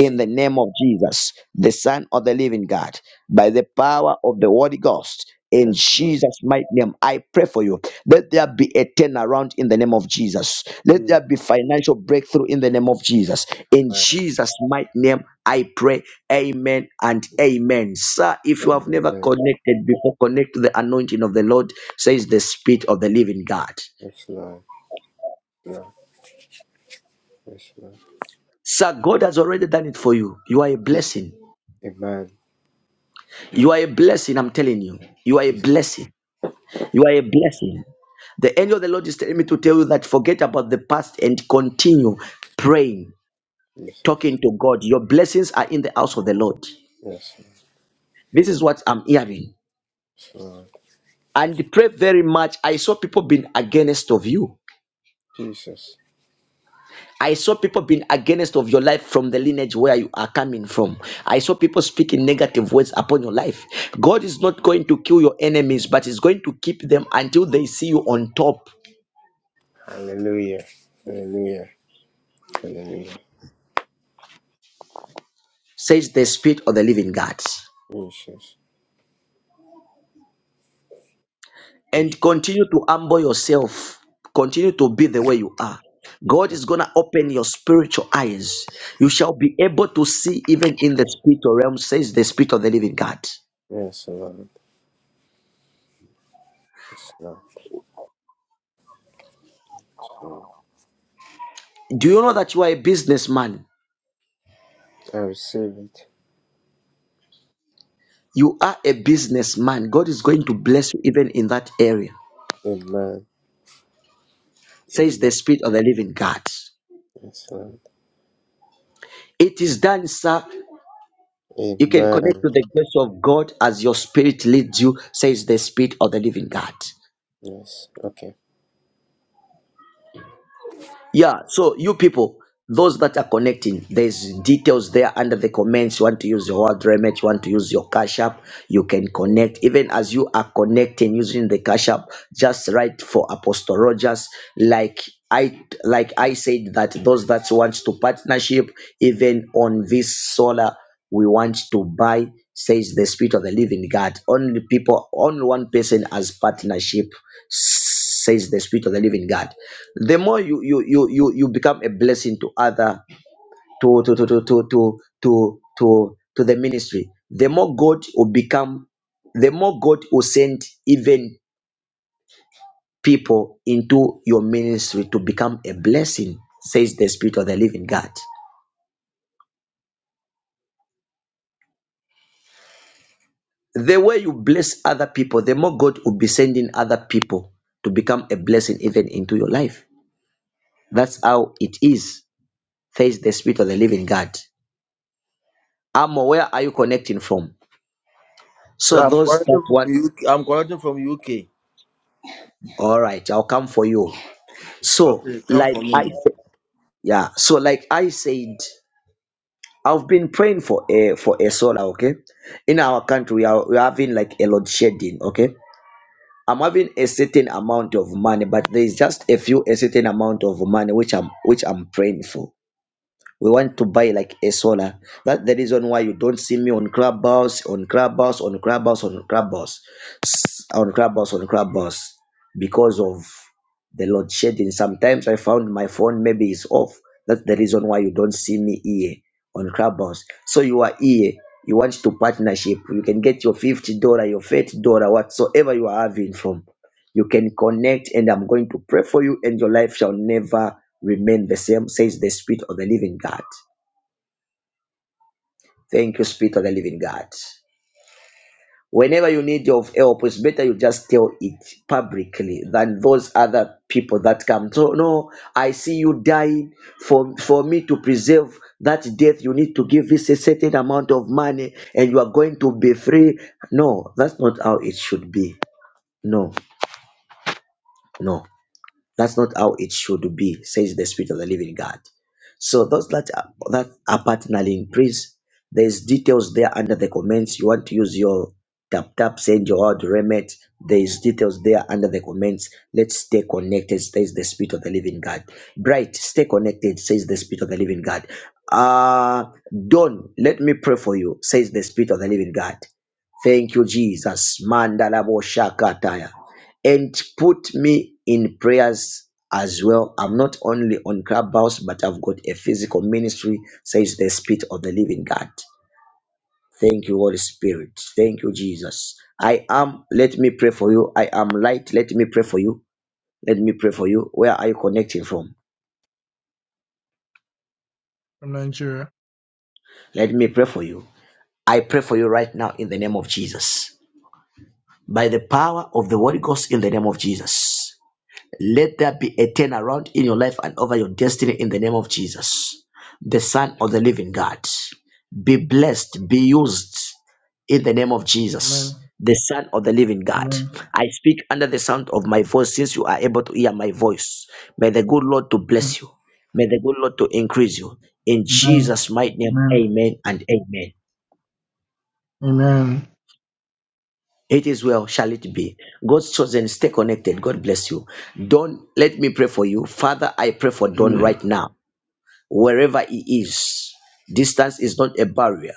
Speaker 1: in the name of Jesus, the Son of the Living God by the power of the Holy Ghost. In
Speaker 10: that's not, that's not,
Speaker 1: Jesus' mighty name, I pray for you. Let there be a turnaround in the name of Jesus. Let there be financial breakthrough in the name of Jesus. In
Speaker 10: Amen,
Speaker 1: Jesus' mighty name, I pray. Amen and amen. Sir, if you have never
Speaker 10: Amen,
Speaker 1: connected before, connect to the anointing of the Lord, says the Spirit of the living God.
Speaker 10: that's not, that's not,
Speaker 1: Sir, God has already done it for you. You are a
Speaker 10: Jesus,
Speaker 1: blessing.
Speaker 10: Amen,
Speaker 1: You are a blessing, I'm telling you. You are a
Speaker 10: Jesus,
Speaker 1: blessing. You are a blessing. The angel of the Lord is telling me to tell you that forget about the past and continue praying,
Speaker 10: Jesus.
Speaker 1: talking to God. Your blessings are in the house of the Lord.
Speaker 10: Yes,
Speaker 1: This is what I'm hearing.
Speaker 10: Lord.
Speaker 1: And pray very much. I saw people being against of you.
Speaker 10: Jesus.
Speaker 1: I saw people being against of your life from the lineage where you are coming from. I saw people speaking negative words upon your life. God is not going to kill your enemies, but is going to keep them until they see you on top,
Speaker 10: Hallelujah. Hallelujah. Hallelujah.
Speaker 1: says the Spirit of the Living God.
Speaker 10: Jesus. Jesus.
Speaker 1: and continue to humble yourself. Continue to be the way you are. God is going to open your spiritual eyes. You shall be able to see even in the spiritual realm, says the Spirit of the living God.
Speaker 10: Yes, Lord. Yes, Lord.
Speaker 1: Do you know that you are a businessman?
Speaker 10: I receive it.
Speaker 1: You are a businessman. God is going to bless you even in that area,
Speaker 10: Amen.
Speaker 1: says the
Speaker 10: Amen.
Speaker 1: Spirit of the living God.
Speaker 10: Yes, Lord.
Speaker 1: It is done, sir. You can connect
Speaker 10: Amen.
Speaker 1: to the grace of God as your spirit leads you, says the Spirit of the living God.
Speaker 10: Yes. Okay.
Speaker 1: Yeah, so you people, those that are connecting, there's details there under the comments. You want to use your word remit, you want to use your cash app, you can connect. Even as you are connecting using the cash app, just write for Apostle Rogers. Like I like I said that those that want to partnership, even on this solar, we want to buy, says the spirit of the living God. Only people, only one person has partnership says the spirit of the living god the more you you you you, you become a blessing to other to to to to to to to to, to the ministry the more god will become the more god will send even people into your ministry to become a blessing says the spirit of the living god the way you bless other people the more god will be sending other people to become a blessing even into your life that's how it is says the spirit of the living god Amo, where are you connecting from? So
Speaker 11: Yeah, I'm
Speaker 1: those
Speaker 11: calling
Speaker 1: that's what
Speaker 11: from UK. I'm calling from UK.
Speaker 1: all right, I'll come for you. So
Speaker 11: Okay, come
Speaker 1: like
Speaker 11: for
Speaker 1: I
Speaker 11: me.
Speaker 1: said, yeah, so like I said, I've been praying for a for a solar, okay? In our country, we are we're having like a load shedding, okay? I'm having a certain amount of money, but there is just a few a certain amount of money which I'm which I'm praying for. We want to buy like a solar. That's the reason why you don't see me on Clubhouse, on Clubhouse, on Clubhouse, on Clubhouse on Club Clubhouse on Clubhouse because of the load shedding. Sometimes I found my phone maybe is off. That's the reason why you don't see me here on Clubhouse. So you are here. You want to partnership. You can get your fifty dollar, your thirty dollar, whatsoever you are having from. You can connect, and I'm going to pray for you, and your life shall never remain the same, says the Spirit of the Living God. Thank you, Spirit of the Living God. Whenever you need your help, it's better you just tell it publicly than those other people that come. So no, I see you dying. For for me to preserve that death, you need to give this a certain amount of money, and you are going to be free. No, that's not how it should be. No, no. That's not how it should be, says the Spirit of the Living God. So those that are, that are partnering in praise, there's details there under the comments. You want to use your tap tap, send your odd remit. There's details there under the comments. Let's stay connected, says the Spirit of the Living God. Bright, stay connected, says the Spirit of the Living God. Uh Don, let me pray for you, says the Spirit of the Living God. Thank you, Jesus. Mandalabo Shakataya. And put me in prayers as well. I'm not only on Clubhouse, but I've got a physical ministry, says the Spirit of the Living God. Thank you, Holy Spirit. Thank you, Jesus. I am, let me pray for you. I am light. Let me pray for you. Let me pray for you. Where are you connecting from?
Speaker 12: from Nigeria.
Speaker 1: Let me pray for you. I pray for you right now in the name of Jesus. By the power of the Holy Ghost in the name of Jesus. Let there be a turnaround in your life and over your destiny in the name of Jesus, the Son of the Living God. Be blessed, be used in the name of
Speaker 12: Amen.
Speaker 1: Jesus, the Son of the Living God.
Speaker 12: Amen.
Speaker 1: I speak under the sound of my voice since you are able to hear my voice. May the good Lord to
Speaker 12: Amen.
Speaker 1: bless you. May the good Lord to increase you. In
Speaker 12: Amen.
Speaker 1: Jesus' mighty name,
Speaker 12: Amen.
Speaker 1: amen and amen.
Speaker 12: Amen.
Speaker 1: It is well, shall it be. God's chosen, stay connected. God bless you. Don, let me pray for you. Father, I pray for Don
Speaker 13: Amen.
Speaker 1: right now. wherever he is. Distance is not a barrier.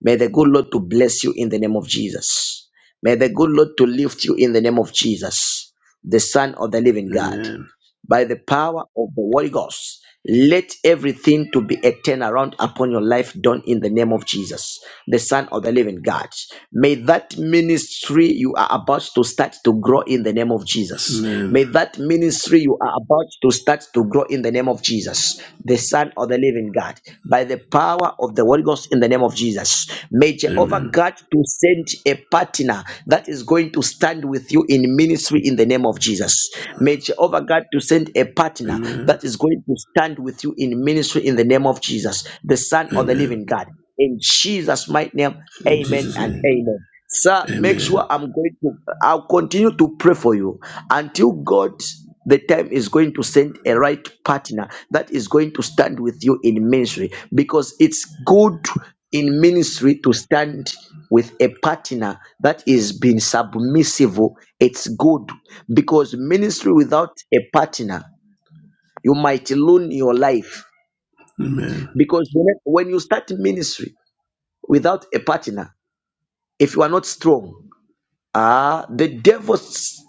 Speaker 1: May the good Lord to bless you in the name of Jesus. May the good Lord to lift you in the name of Jesus, the Son of the living God
Speaker 13: Amen.
Speaker 1: by the power of the Holy Ghost. Let everything to be a turnaround upon your life done in the name of Jesus, the Son of the Living God. May that ministry you are about to start to grow in the name of Jesus.
Speaker 13: Amen.
Speaker 1: May that ministry you are about to start to grow in the name of Jesus, the Son of the Living God. By the power power of the Holy Ghost in the name of Jesus. May Jehovah
Speaker 13: Amen.
Speaker 1: God to send a partner that is going to stand with you in ministry in the name of Jesus. May Jehovah God to send a partner
Speaker 13: Amen.
Speaker 1: that is going to stand with you in ministry in the name of Jesus, the Son of the
Speaker 13: Amen.
Speaker 1: Living God. In Jesus' mighty name,
Speaker 13: In
Speaker 1: amen
Speaker 13: Jesus'
Speaker 1: and
Speaker 13: name.
Speaker 1: amen. Sir, make
Speaker 13: Amen.
Speaker 1: sure I'm going to, I'll continue to pray for you until God, the time is going to send a right partner that is going to stand with you in ministry because it's good in ministry to stand with a partner that is being submissive. It's good because ministry without a partner, you might ruin your life
Speaker 13: Amen.
Speaker 1: because when when you start ministry without a partner, if you are not strong, Ah, the devil,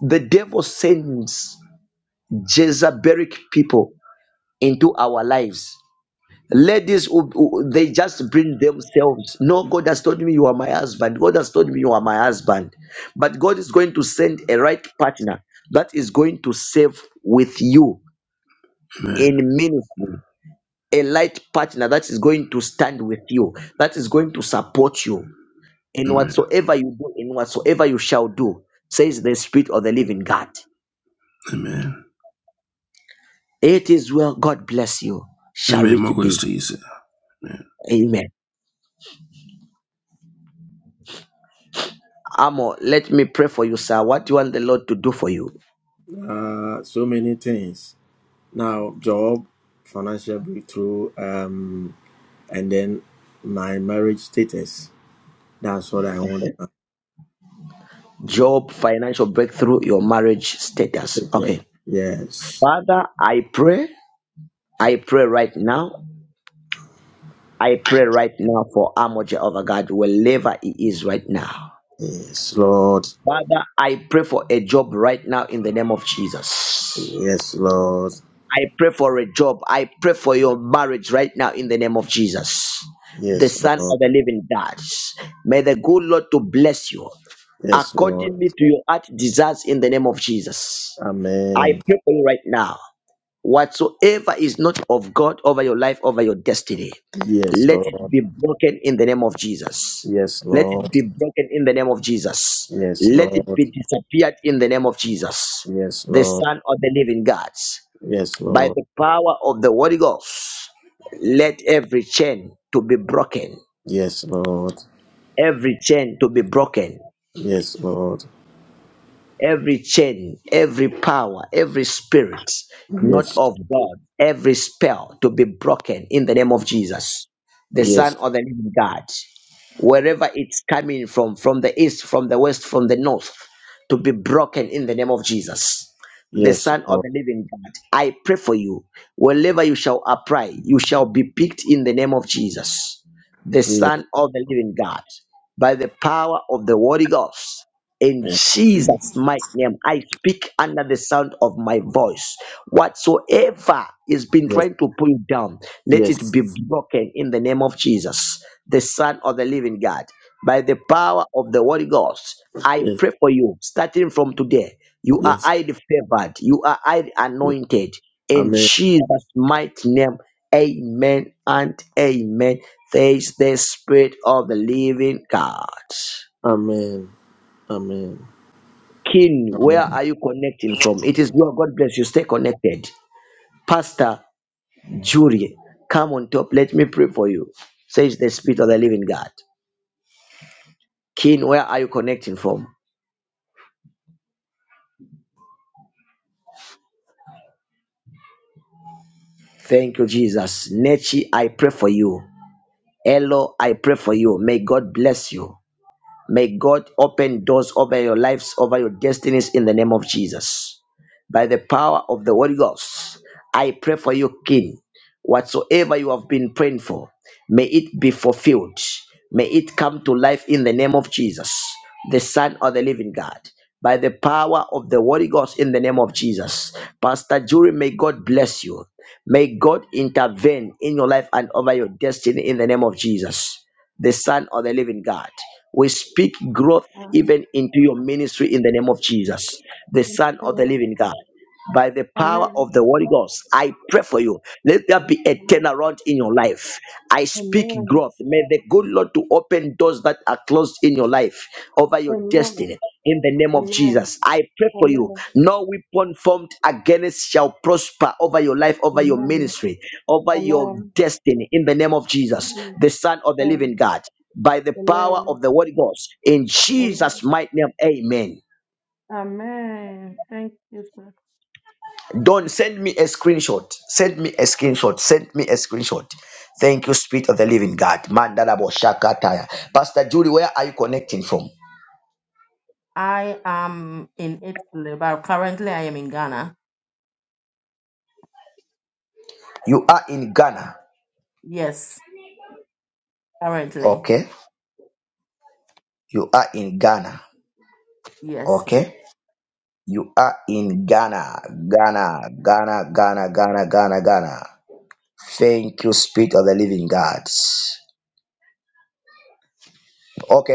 Speaker 1: the devil sends Jezebelic people into our lives. Ladies, who- who- they just bring themselves. No, God has told me you are my husband. God has told me you are my husband. But God is going to send a right partner that is going to serve with you
Speaker 13: Amen.
Speaker 1: in ministry, a light partner that is going to stand with you, that is going to support you in
Speaker 13: Amen.
Speaker 1: whatsoever you do, in whatsoever you shall do, says the Spirit of the Living God.
Speaker 13: Amen.
Speaker 1: It is well. God bless you. Shall
Speaker 13: Amen. More
Speaker 1: it
Speaker 13: grace
Speaker 1: be?
Speaker 13: to you, sir. Amen.
Speaker 1: Amen. Amo, let me pray for you, sir. What do you want the Lord to do for you?
Speaker 11: Uh, so many things. Now, job, financial breakthrough, um, and then my marriage status. That's what I want.
Speaker 1: Job, financial marriage status.
Speaker 11: Yeah. Yes.
Speaker 1: Okay.
Speaker 11: Yes,
Speaker 1: Father, I pray. I pray right now. I pray right now for Amo Jehovah God, wherever he is right now.
Speaker 11: yes, Lord.
Speaker 1: Father, I pray for a job right now in the name of Jesus.
Speaker 11: Yes, Lord.
Speaker 1: I pray for a job. I pray for your marriage right now in the name of Jesus, the
Speaker 11: Yes,
Speaker 1: Son
Speaker 11: Lord.
Speaker 1: of the Living God. May the good Lord to bless you
Speaker 11: Yes, Lord.
Speaker 1: accordingly to your heart desires in the name of Jesus. I
Speaker 11: Amen.
Speaker 1: pray for you right now. Whatsoever is not of God over your life, over your destiny,
Speaker 11: Yes,
Speaker 1: let it
Speaker 11: Lord.
Speaker 1: be broken in the name of Jesus.
Speaker 11: Yes,
Speaker 1: Let it
Speaker 11: Lord.
Speaker 1: be broken in the name of Jesus.
Speaker 11: Yes,
Speaker 1: Let it
Speaker 11: Lord.
Speaker 1: be disappeared in the name of Jesus,
Speaker 11: Yes,
Speaker 1: the
Speaker 11: Lord.
Speaker 1: Son of the Living God.
Speaker 11: Yes,
Speaker 1: By
Speaker 11: Lord.
Speaker 1: the power of the Holy Ghost, let every chain to be broken,
Speaker 11: Yes, Lord.
Speaker 1: every chain to be broken,
Speaker 11: Yes, Lord.
Speaker 1: every chain, every power, every spirit, not
Speaker 11: Yes,
Speaker 1: of God, every spell to be broken in the name of Jesus, the Son
Speaker 11: yes,
Speaker 1: of the Living God. wherever it's coming from, from the east, from the west, from the north, to be broken in the name of Jesus. The
Speaker 11: yes,
Speaker 1: Son of
Speaker 11: Oh,
Speaker 1: the Living God, I pray for you. Wherever you shall apply, you shall be picked in the name of Jesus, the
Speaker 11: Yes,
Speaker 1: Son of the Living God, by the power of the Holy Ghost. In
Speaker 11: yes,
Speaker 1: Jesus' mighty name, I speak under the sound of my voice. Whatsoever is been trying to pull you down, let it
Speaker 11: yes,
Speaker 1: be broken in the name of Jesus, the Son of the Living God. By the power of the Holy Ghost, I
Speaker 11: yes, yes.
Speaker 1: pray for you. Starting from today, you are
Speaker 11: yes.
Speaker 1: highly favored. You are highly anointed. In
Speaker 11: Amen,
Speaker 1: Jesus' mighty name, Amen and Amen. There is the Spirit of the Living God.
Speaker 11: amen, amen,
Speaker 1: King, where
Speaker 11: amen,
Speaker 1: are you connecting from? It is your God bless you. Stay connected. Pastor Jury, come on top. Let me pray for you. Says the Spirit of the Living God. King, where are you connecting from? Thank you, Jesus. Nechi, I pray for you. Elo, I pray for you. May God bless you. May God open doors over your lives, over your destinies in the name of Jesus. By the power of the Holy Ghost, I pray for you, King. Whatsoever you have been praying for, may it be fulfilled. May it come to life in the name of Jesus, the Son of the living God. By the power of the Holy Ghost in the name of Jesus. Pastor Jury, may God bless you. May God intervene in your life and over your destiny in the name of Jesus the Son of the Living God. We speak growth
Speaker 14: Amen.
Speaker 1: even into your ministry in the name of Jesus, the Son of the
Speaker 14: Amen.
Speaker 1: Living God by the power
Speaker 14: Amen.
Speaker 1: of the Holy Ghost. I pray for you. Let there be a turnaround in your life. I speak
Speaker 14: Amen.
Speaker 1: growth. May the good Lord to open doors that are closed in your life over your
Speaker 14: Amen.
Speaker 1: destiny. In the name of
Speaker 14: Amen.
Speaker 1: Jesus, I pray for you.
Speaker 14: Amen.
Speaker 1: No weapon formed against shall prosper over your life, over your
Speaker 14: Amen.
Speaker 1: ministry,
Speaker 14: Amen.
Speaker 1: over your
Speaker 14: Amen.
Speaker 1: destiny. In the name of Jesus, the Son of the Living God, by the power
Speaker 14: Amen.
Speaker 1: of the Holy Ghost, in
Speaker 14: Amen.
Speaker 1: Jesus' mighty name, Amen.
Speaker 14: Amen. Thank you, sir.
Speaker 1: Don, send me a screenshot. Send me a screenshot. Send me a screenshot. Thank you, Spirit of the Living God. Mandalabo Shakataya. Pastor Julie, where are you connecting from?
Speaker 14: I am in Italy, but currently I am in Ghana.
Speaker 1: You are in Ghana.
Speaker 14: Yes, currently.
Speaker 1: Okay. You are in Ghana.
Speaker 14: Yes, please.
Speaker 1: Okay. You are in Ghana. Ghana. Ghana. Ghana. Ghana. Ghana. Ghana. Thank you, Spirit of the Living God. Okay.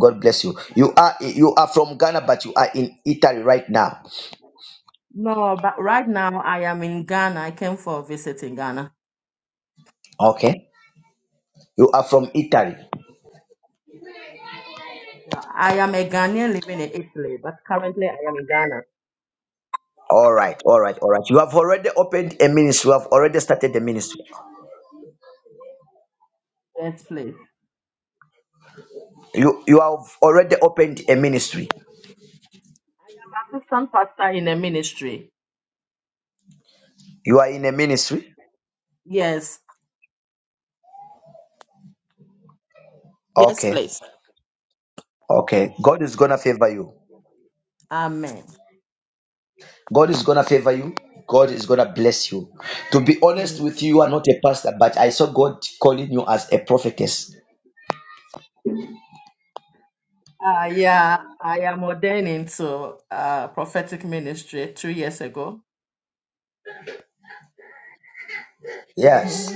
Speaker 1: God bless you. You are.
Speaker 14: No, but right now I am in Ghana. I came for a visit in Ghana.
Speaker 1: Okay. You are from Italy.
Speaker 14: Yeah, I am a Ghanaian living in Italy, but currently I am in Ghana.
Speaker 1: All right. All right. All right. You have already opened a ministry. You have already started the ministry.
Speaker 14: Yes, please.
Speaker 1: You you have already opened a ministry.
Speaker 14: Assistant pastor in a ministry.
Speaker 1: You are in a ministry.
Speaker 14: Yes. Yes,
Speaker 1: Okay.
Speaker 14: please.
Speaker 1: Okay. God is gonna favor you.
Speaker 14: Amen.
Speaker 1: God is gonna favor you. God is gonna bless you. To be honest with you, you are not a pastor, but I saw God calling you as a prophetess.
Speaker 14: Uh, yeah, I am ordained into uh, prophetic ministry two years ago. Mhm.
Speaker 1: Yes.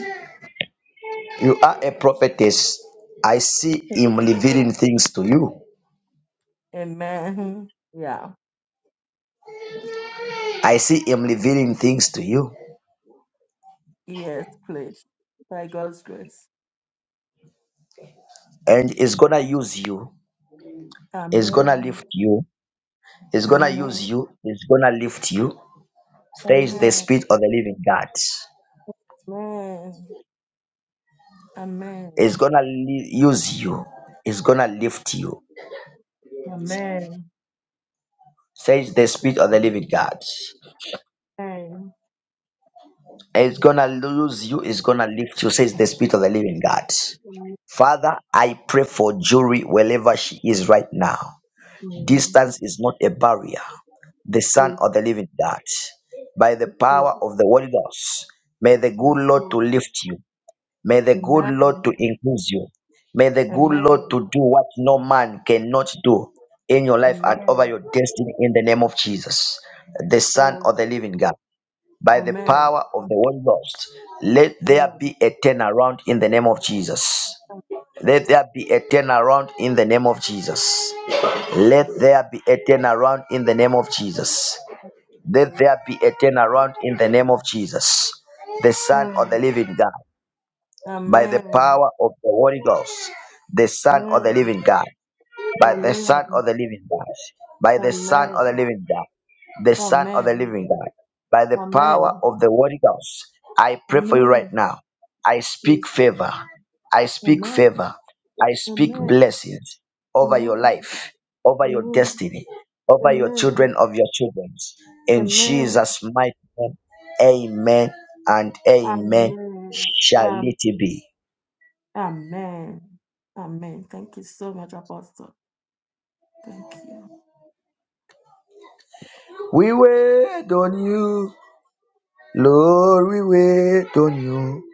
Speaker 1: You are a prophetess. I see him revealing things to you.
Speaker 14: Amen. Yeah.
Speaker 1: I see him revealing things to you.
Speaker 14: Yes, please. By God's grace.
Speaker 1: And he's gonna use you. He's gonna
Speaker 14: Amen.
Speaker 1: lift you. He's gonna
Speaker 14: Amen.
Speaker 1: use you. He's gonna lift you. There is the
Speaker 14: Amen.
Speaker 1: spirit of the living God.
Speaker 14: Amen.
Speaker 1: It's gonna li- use you. It's gonna lift you.
Speaker 14: Amen. Amen.
Speaker 1: Says the Spirit of the Living God.
Speaker 14: Amen.
Speaker 1: It's gonna lose you. It's gonna lift you. Says the Spirit of the Living God. Father, I pray for Jury wherever she is right now.
Speaker 14: Amen.
Speaker 1: Distance is not a barrier. The Son of the
Speaker 14: Jesus.
Speaker 1: Living God, by the
Speaker 14: Yes, Lord.
Speaker 1: power of the Holy Ghost, may the good
Speaker 14: Yes,
Speaker 1: Lord to
Speaker 14: Lord.
Speaker 1: lift you. May the good Lord
Speaker 14: Amen.
Speaker 1: to increase you. May the good Lord
Speaker 14: Amen.
Speaker 1: to do what no man cannot do in your life and over
Speaker 14: Amen.
Speaker 1: your destiny in the name of Jesus, the Son
Speaker 14: Amen.
Speaker 1: of the Living God. By the
Speaker 14: Amen.
Speaker 1: power of the Holy Ghost, let there
Speaker 14: Amen.
Speaker 1: be a turnaround in the name of Jesus. Let there be a turnaround in the name of Jesus. Let there be a turnaround in the name of Jesus. Let there be a turnaround in the name of Jesus, the Son of
Speaker 14: Amen.
Speaker 1: the Living God by the
Speaker 14: Amen.
Speaker 1: power of the Holy Ghost, the Son of the
Speaker 14: Amen.
Speaker 1: Living God, by the Son
Speaker 14: Amen.
Speaker 1: of the Living God, by the Son of the
Speaker 14: Amen.
Speaker 1: Living God, the Son of the
Speaker 14: Amen.
Speaker 1: Living God, by the power
Speaker 14: Amen.
Speaker 1: of the Holy Ghost. I pray for you right
Speaker 14: Amen.
Speaker 1: now. I speak
Speaker 14: Jesus.
Speaker 1: favor. I speak
Speaker 14: Amen.
Speaker 1: favor. I speak
Speaker 14: Amen.
Speaker 1: blessings over your
Speaker 14: Amen.
Speaker 1: life, over your
Speaker 14: Amen.
Speaker 1: destiny, over your children
Speaker 14: Amen.
Speaker 1: of your children. In
Speaker 14: Amen.
Speaker 1: Jesus' mighty name, amen and amen
Speaker 14: Amen.
Speaker 1: shall
Speaker 14: Am-
Speaker 1: it be.
Speaker 14: Amen. Amen. Thank you so much, Apostle. Thank you.
Speaker 1: We wait on you, Lord, we wait on you.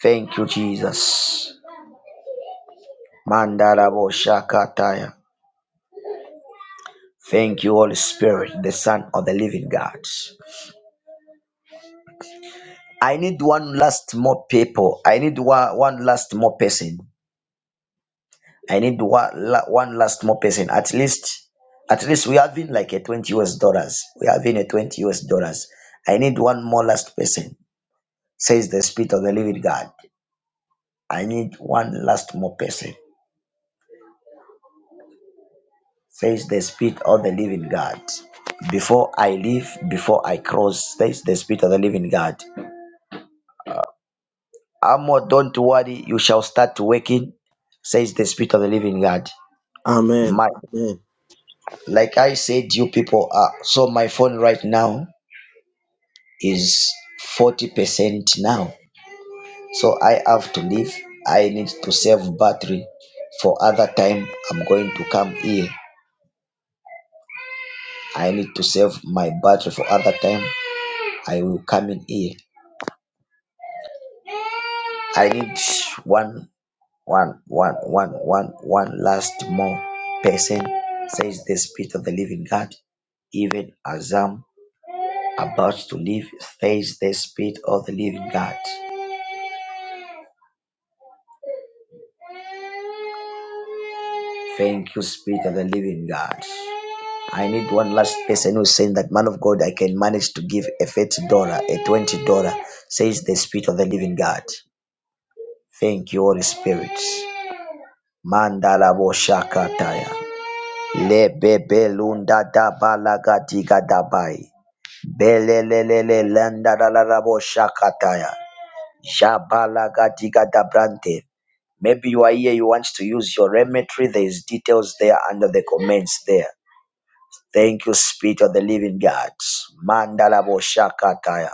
Speaker 1: Thank you, Jesus. Mandala Boshakataya. Thank you, Holy Spirit, the Son of the Living God. I need one last more people. I need one, one last more person. I need one, la- one last more person. At least, at least we have having like a 20 US dollars. We have having a 20 US dollars. I need one more last person, says the Spirit of the Living God. I need one last more person. says the Spirit of the living God. Before I leave, before I cross, says the Spirit of the living God. Amo, don't worry, you shall start working, says the Spirit of the living God.
Speaker 11: amen,
Speaker 1: My,
Speaker 11: amen,
Speaker 1: like I said, you people are. So my phone right now is 40% now. So I have to leave. I need to save battery. For other time, I'm going to come here. I need to save my battery for other time. I will come in here. I need one one one one one one last more person says the spirit of the living god even as i'm about to leave says the spirit of the living god thank you spirit of the living god i need one last person who's saying that man of god i can manage to give a $30 a $20 says the spirit of the living god thank you holy spirit mandala boshakataya lebebelunda dabalagadiga dabai Belelelele landa la la la bo shakataya. Jabala gadiga da brante. Maybe you are here, you want to use your remetry. There is details there under the comments there. Thank you, Spirit of the Living God. Mandala bo shakataya.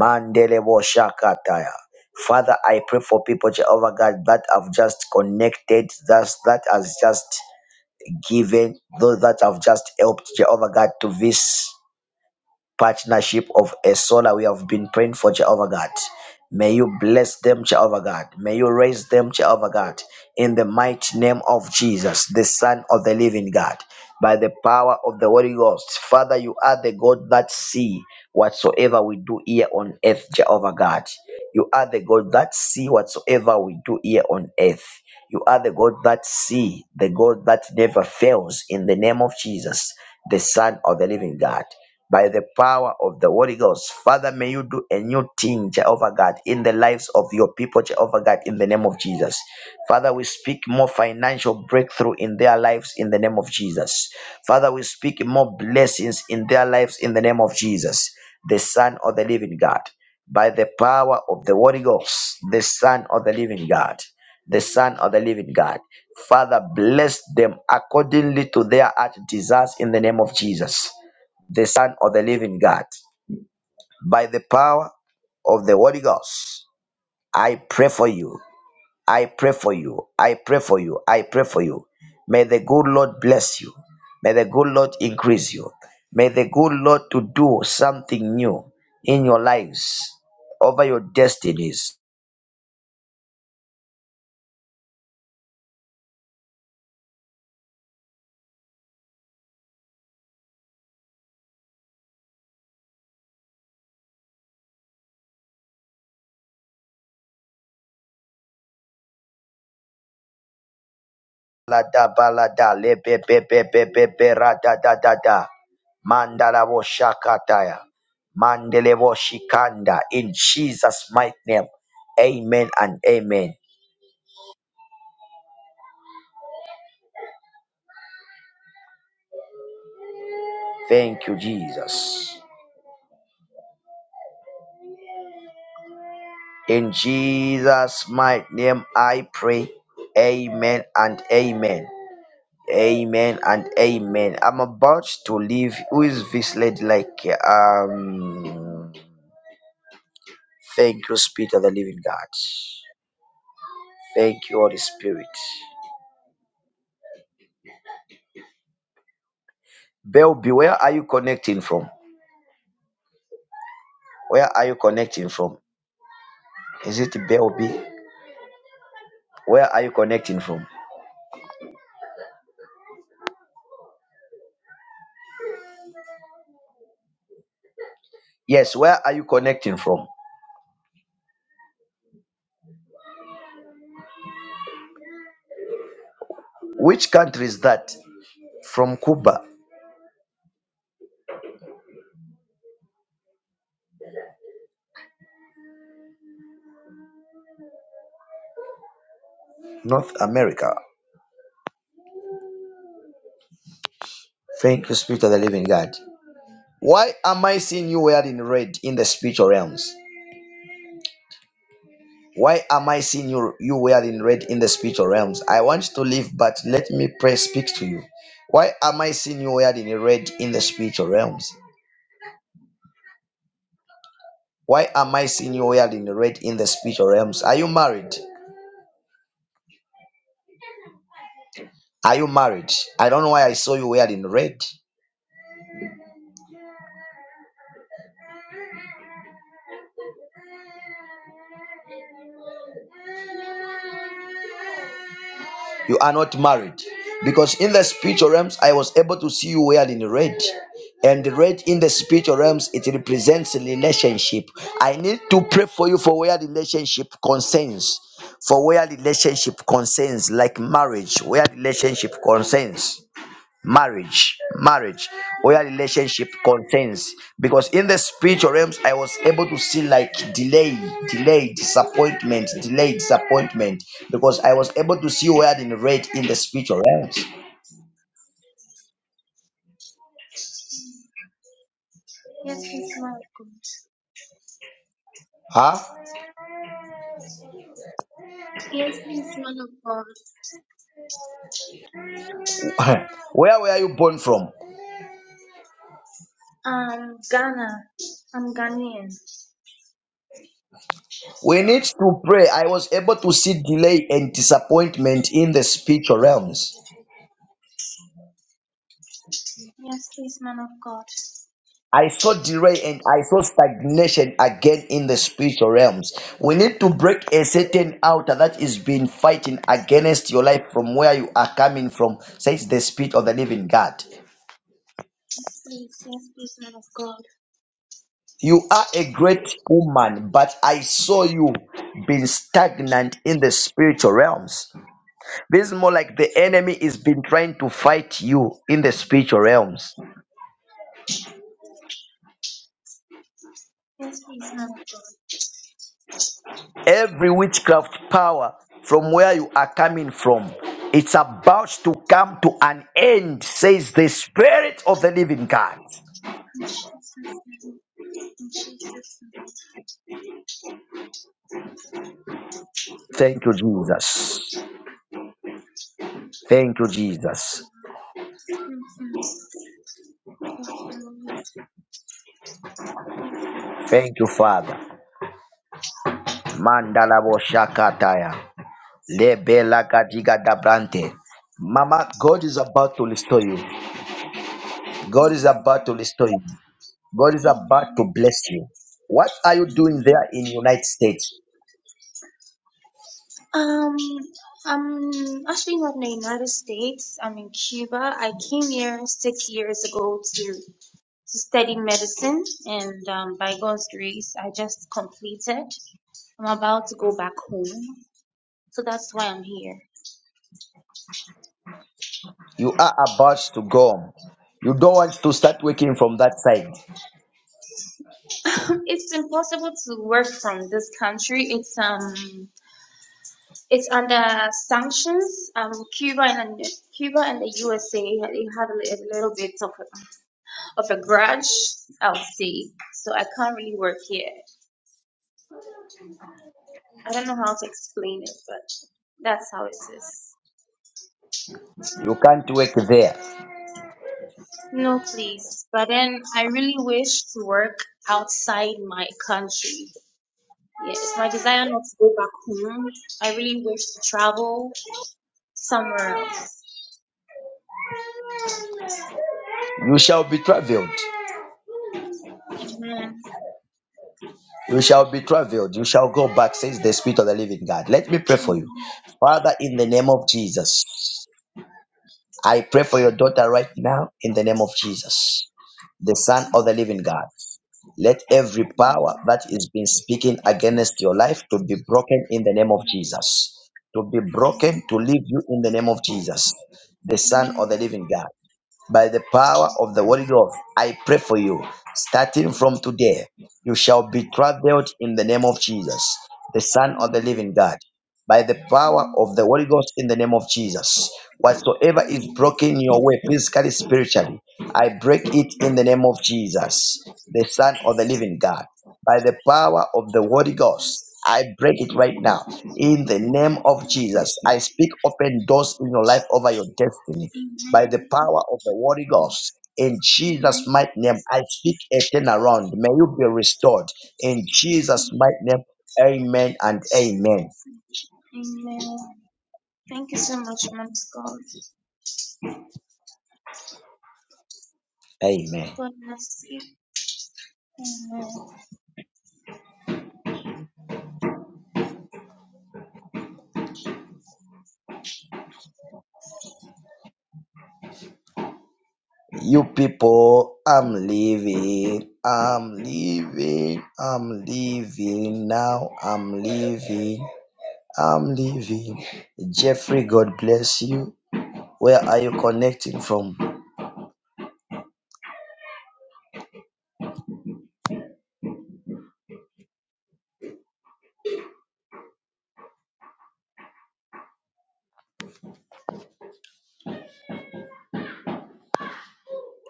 Speaker 1: Mandele bo shakataya. Father, I pray for people, Jehovah God, that have just connected, that, that has just given, those that have just helped, Jehovah God, to this. partnership of a solar we have been praying for Jehovah God. May you bless them, Jehovah God. May you raise them, Jehovah God, in the mighty name of Jesus, the Son of the Living God, by the power of the Holy Ghost. Father, you are the God that see whatsoever we do here on earth, Jehovah God. You are the God that see whatsoever we do here on earth. You are the God that see, the God that never fails, in the name of Jesus, the Son of the Living God by the power of the Holy Ghost. Father, may you do a new thing, Jehovah God, in the lives of your people, Jehovah God, in the name of Jesus. Father, we speak more financial breakthrough in their lives in the name of Jesus. Father, we speak more blessings in their lives in the name of Jesus, the Son of the living God. By the power of the Holy Ghost, the Son of the living God, the Son of the living God. Father, bless them accordingly to their heart desires in the name of Jesus the Son of the Living God. By the power of the Holy Ghost, I pray for you. I pray for you. I pray for you. I pray for you. May the good Lord bless you. May the good Lord increase you. May the good Lord to do something new in your lives, over your destinies. Balada, balada, le be be be be be be ra da da da da mandala wo shakataya mandele wo shikanda in Jesus mighty name amen and amen thank you Jesus in Jesus mighty name I pray amen and amen amen and amen I'm about to leave who is this lady like um thank you spirit of the living God thank you Holy Spirit Belby, where are you connecting from? Where are you connecting from? Is it Belby? Where are you connecting from? Yes, where are you connecting from? Which country is that? From Cuba, North America. Thank you, Spirit of the Living God. Why am I seeing you wearing red in the spiritual realms? Why am I seeing you, you wearing red in the spiritual realms? I want to leave, but let me pray, speak to you. Why am I seeing you wearing red in the spiritual realms? Why am I seeing you wearing red in the spiritual realms? Are you married? Are you married? I don't know why I saw you wearing red. You are not married. Because in the spiritual realms, I was able to see you wearing red. And the red in the spiritual realms, it represents relationship. I need to pray for you for where relationship concerns. For where relationship concerns, like marriage, where relationship concerns. marriage marriage where relationship contains because in the spiritual realms i was able to see like delay delay disappointment delay disappointment because i was able to see where in red in the spiritual realms
Speaker 15: Yes, please, man of God.
Speaker 1: huh
Speaker 15: Yes, please, man of God.
Speaker 1: where were you born from
Speaker 15: Um, Ghana. I'm Ghanaian.
Speaker 1: we need to pray i was able to see delay and disappointment in the spiritual realms
Speaker 15: Yes, please, man of God.
Speaker 1: I saw delay and I saw stagnation again in the spiritual realms. We need to break a certain outer that is been fighting against your life from where you are coming from, says the Spirit of the Living God.
Speaker 15: Yes, please. Yes, please, man of God.
Speaker 1: You are a great woman, but I saw you being stagnant in the spiritual realms. This is more like the enemy is been trying to fight you in the spiritual realms.
Speaker 15: Yes, please, man of God.
Speaker 1: every witchcraft power from where you are coming from. It's about to come to an end, says the Spirit of the living God.
Speaker 15: In Jesus' name. In Jesus' name.
Speaker 1: Thank you, Jesus. Thank you,
Speaker 15: Thank you,
Speaker 1: Jesus.
Speaker 15: Lord. Thank you. Thank you, Lord. Thank you. Lord.
Speaker 1: Thank you, Father. Mandala shakataya. Lebela kadiga dabrante. Mama, God is about to restore you. God is
Speaker 15: Amen.
Speaker 1: about to restore you. God is about to
Speaker 15: Amen.
Speaker 1: bless you. What are you doing
Speaker 15: Amen.
Speaker 1: there in United States?
Speaker 15: Um, I'm actually not in the United States. I'm in Cuba. I came here six years ago to To study medicine, and um, by God's grace, I just completed. I'm about to go back home, so that's why I'm here.
Speaker 1: You are about to go. You don't want to start working from that side.
Speaker 15: it's impossible to work from this country. It's um, it's under sanctions. Um, Cuba and Cuba and the USA they have a a little bit of a, of a grudge, I'll say. So I can't really work here. I don't know how to explain it, but that's how it is.
Speaker 1: You can't work there.
Speaker 15: No, please. But then I really wish to work outside my country. Yeah, it's my desire not to go back home. I really wish to travel somewhere else.
Speaker 1: You shall be traveled.
Speaker 15: Amen.
Speaker 1: You shall be traveled. You shall go back, says the Spirit of the Living God. Let me pray for you.
Speaker 15: Amen.
Speaker 1: Father, in the name of Jesus, I pray for your daughter right now, in the name of Jesus, the Son of the Living God. Let every
Speaker 15: Amen.
Speaker 1: power
Speaker 15: Amen.
Speaker 1: that is been speaking against your life to be broken in the name of Jesus. To be
Speaker 15: Amen.
Speaker 1: broken, to leave you in the name of Jesus, the Son
Speaker 15: Amen.
Speaker 1: of
Speaker 15: Amen.
Speaker 1: the Living God. by the power of the Holy Ghost. I pray for you. Starting from today, you shall be traveled in the name of Jesus, the Son of the
Speaker 15: Amen.
Speaker 1: Living God. By the power of the Holy Ghost in the name of Jesus. Whatsoever is broken your way, physically, spiritually, I break it in the name of Jesus, the Son of the Living God. By the power of the Holy Ghost, I break it right now. In the name of Jesus, I speak open doors in your life over your destiny By the power of the Holy Ghost. In Jesus' mighty name, I speak a turnaround. May you be restored. In Jesus' mighty name, amen and amen.
Speaker 15: Amen. Thank you so much, man of God. God bless you. Amen.
Speaker 1: You people, I'm leaving. I'm leaving. I'm leaving now. I'm leaving. I'm leaving. Jeffrey, God bless you. Where are you connecting from?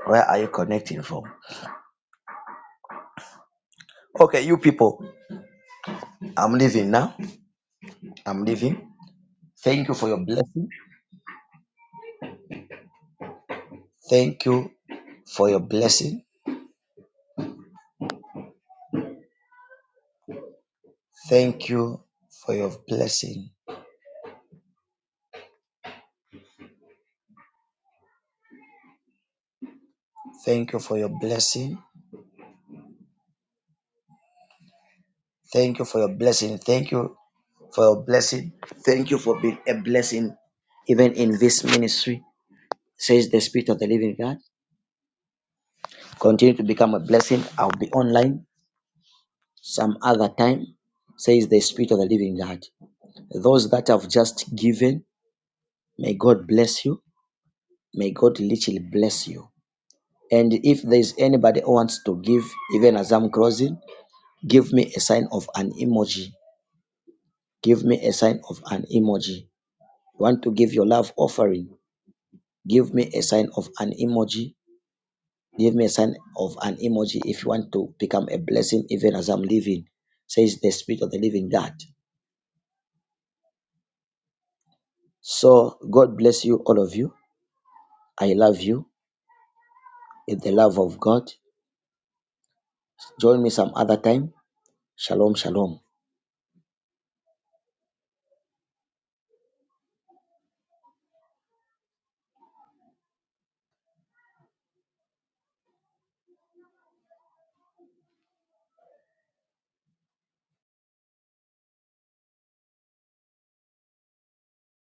Speaker 1: Where are you connecting from? Okay, you people, I'm leaving now. I'm leaving. Thank you for your blessing. Thank you for your blessing. Thank you for your blessing. Thank you for your blessing. Thank you for your blessing. Thank you for your blessing. Thank you for being a blessing even in this ministry, says the Spirit of the Living God. Continue to become a blessing. I'll be online some other time, says the Spirit of the Living God. Those that have just given, may God bless you. May God literally bless you. And if there's anybody who wants to give, even as I'm closing, give me a sign of an emoji. Give me a sign of an emoji. You want to give your love offering. Give me a sign of an emoji. Give me a sign of an emoji if you want to become a blessing even as I'm living, says the Spirit of the Living God. So, God bless you, all of you. I love you with the love of God. Join me some other time. Shalom, shalom.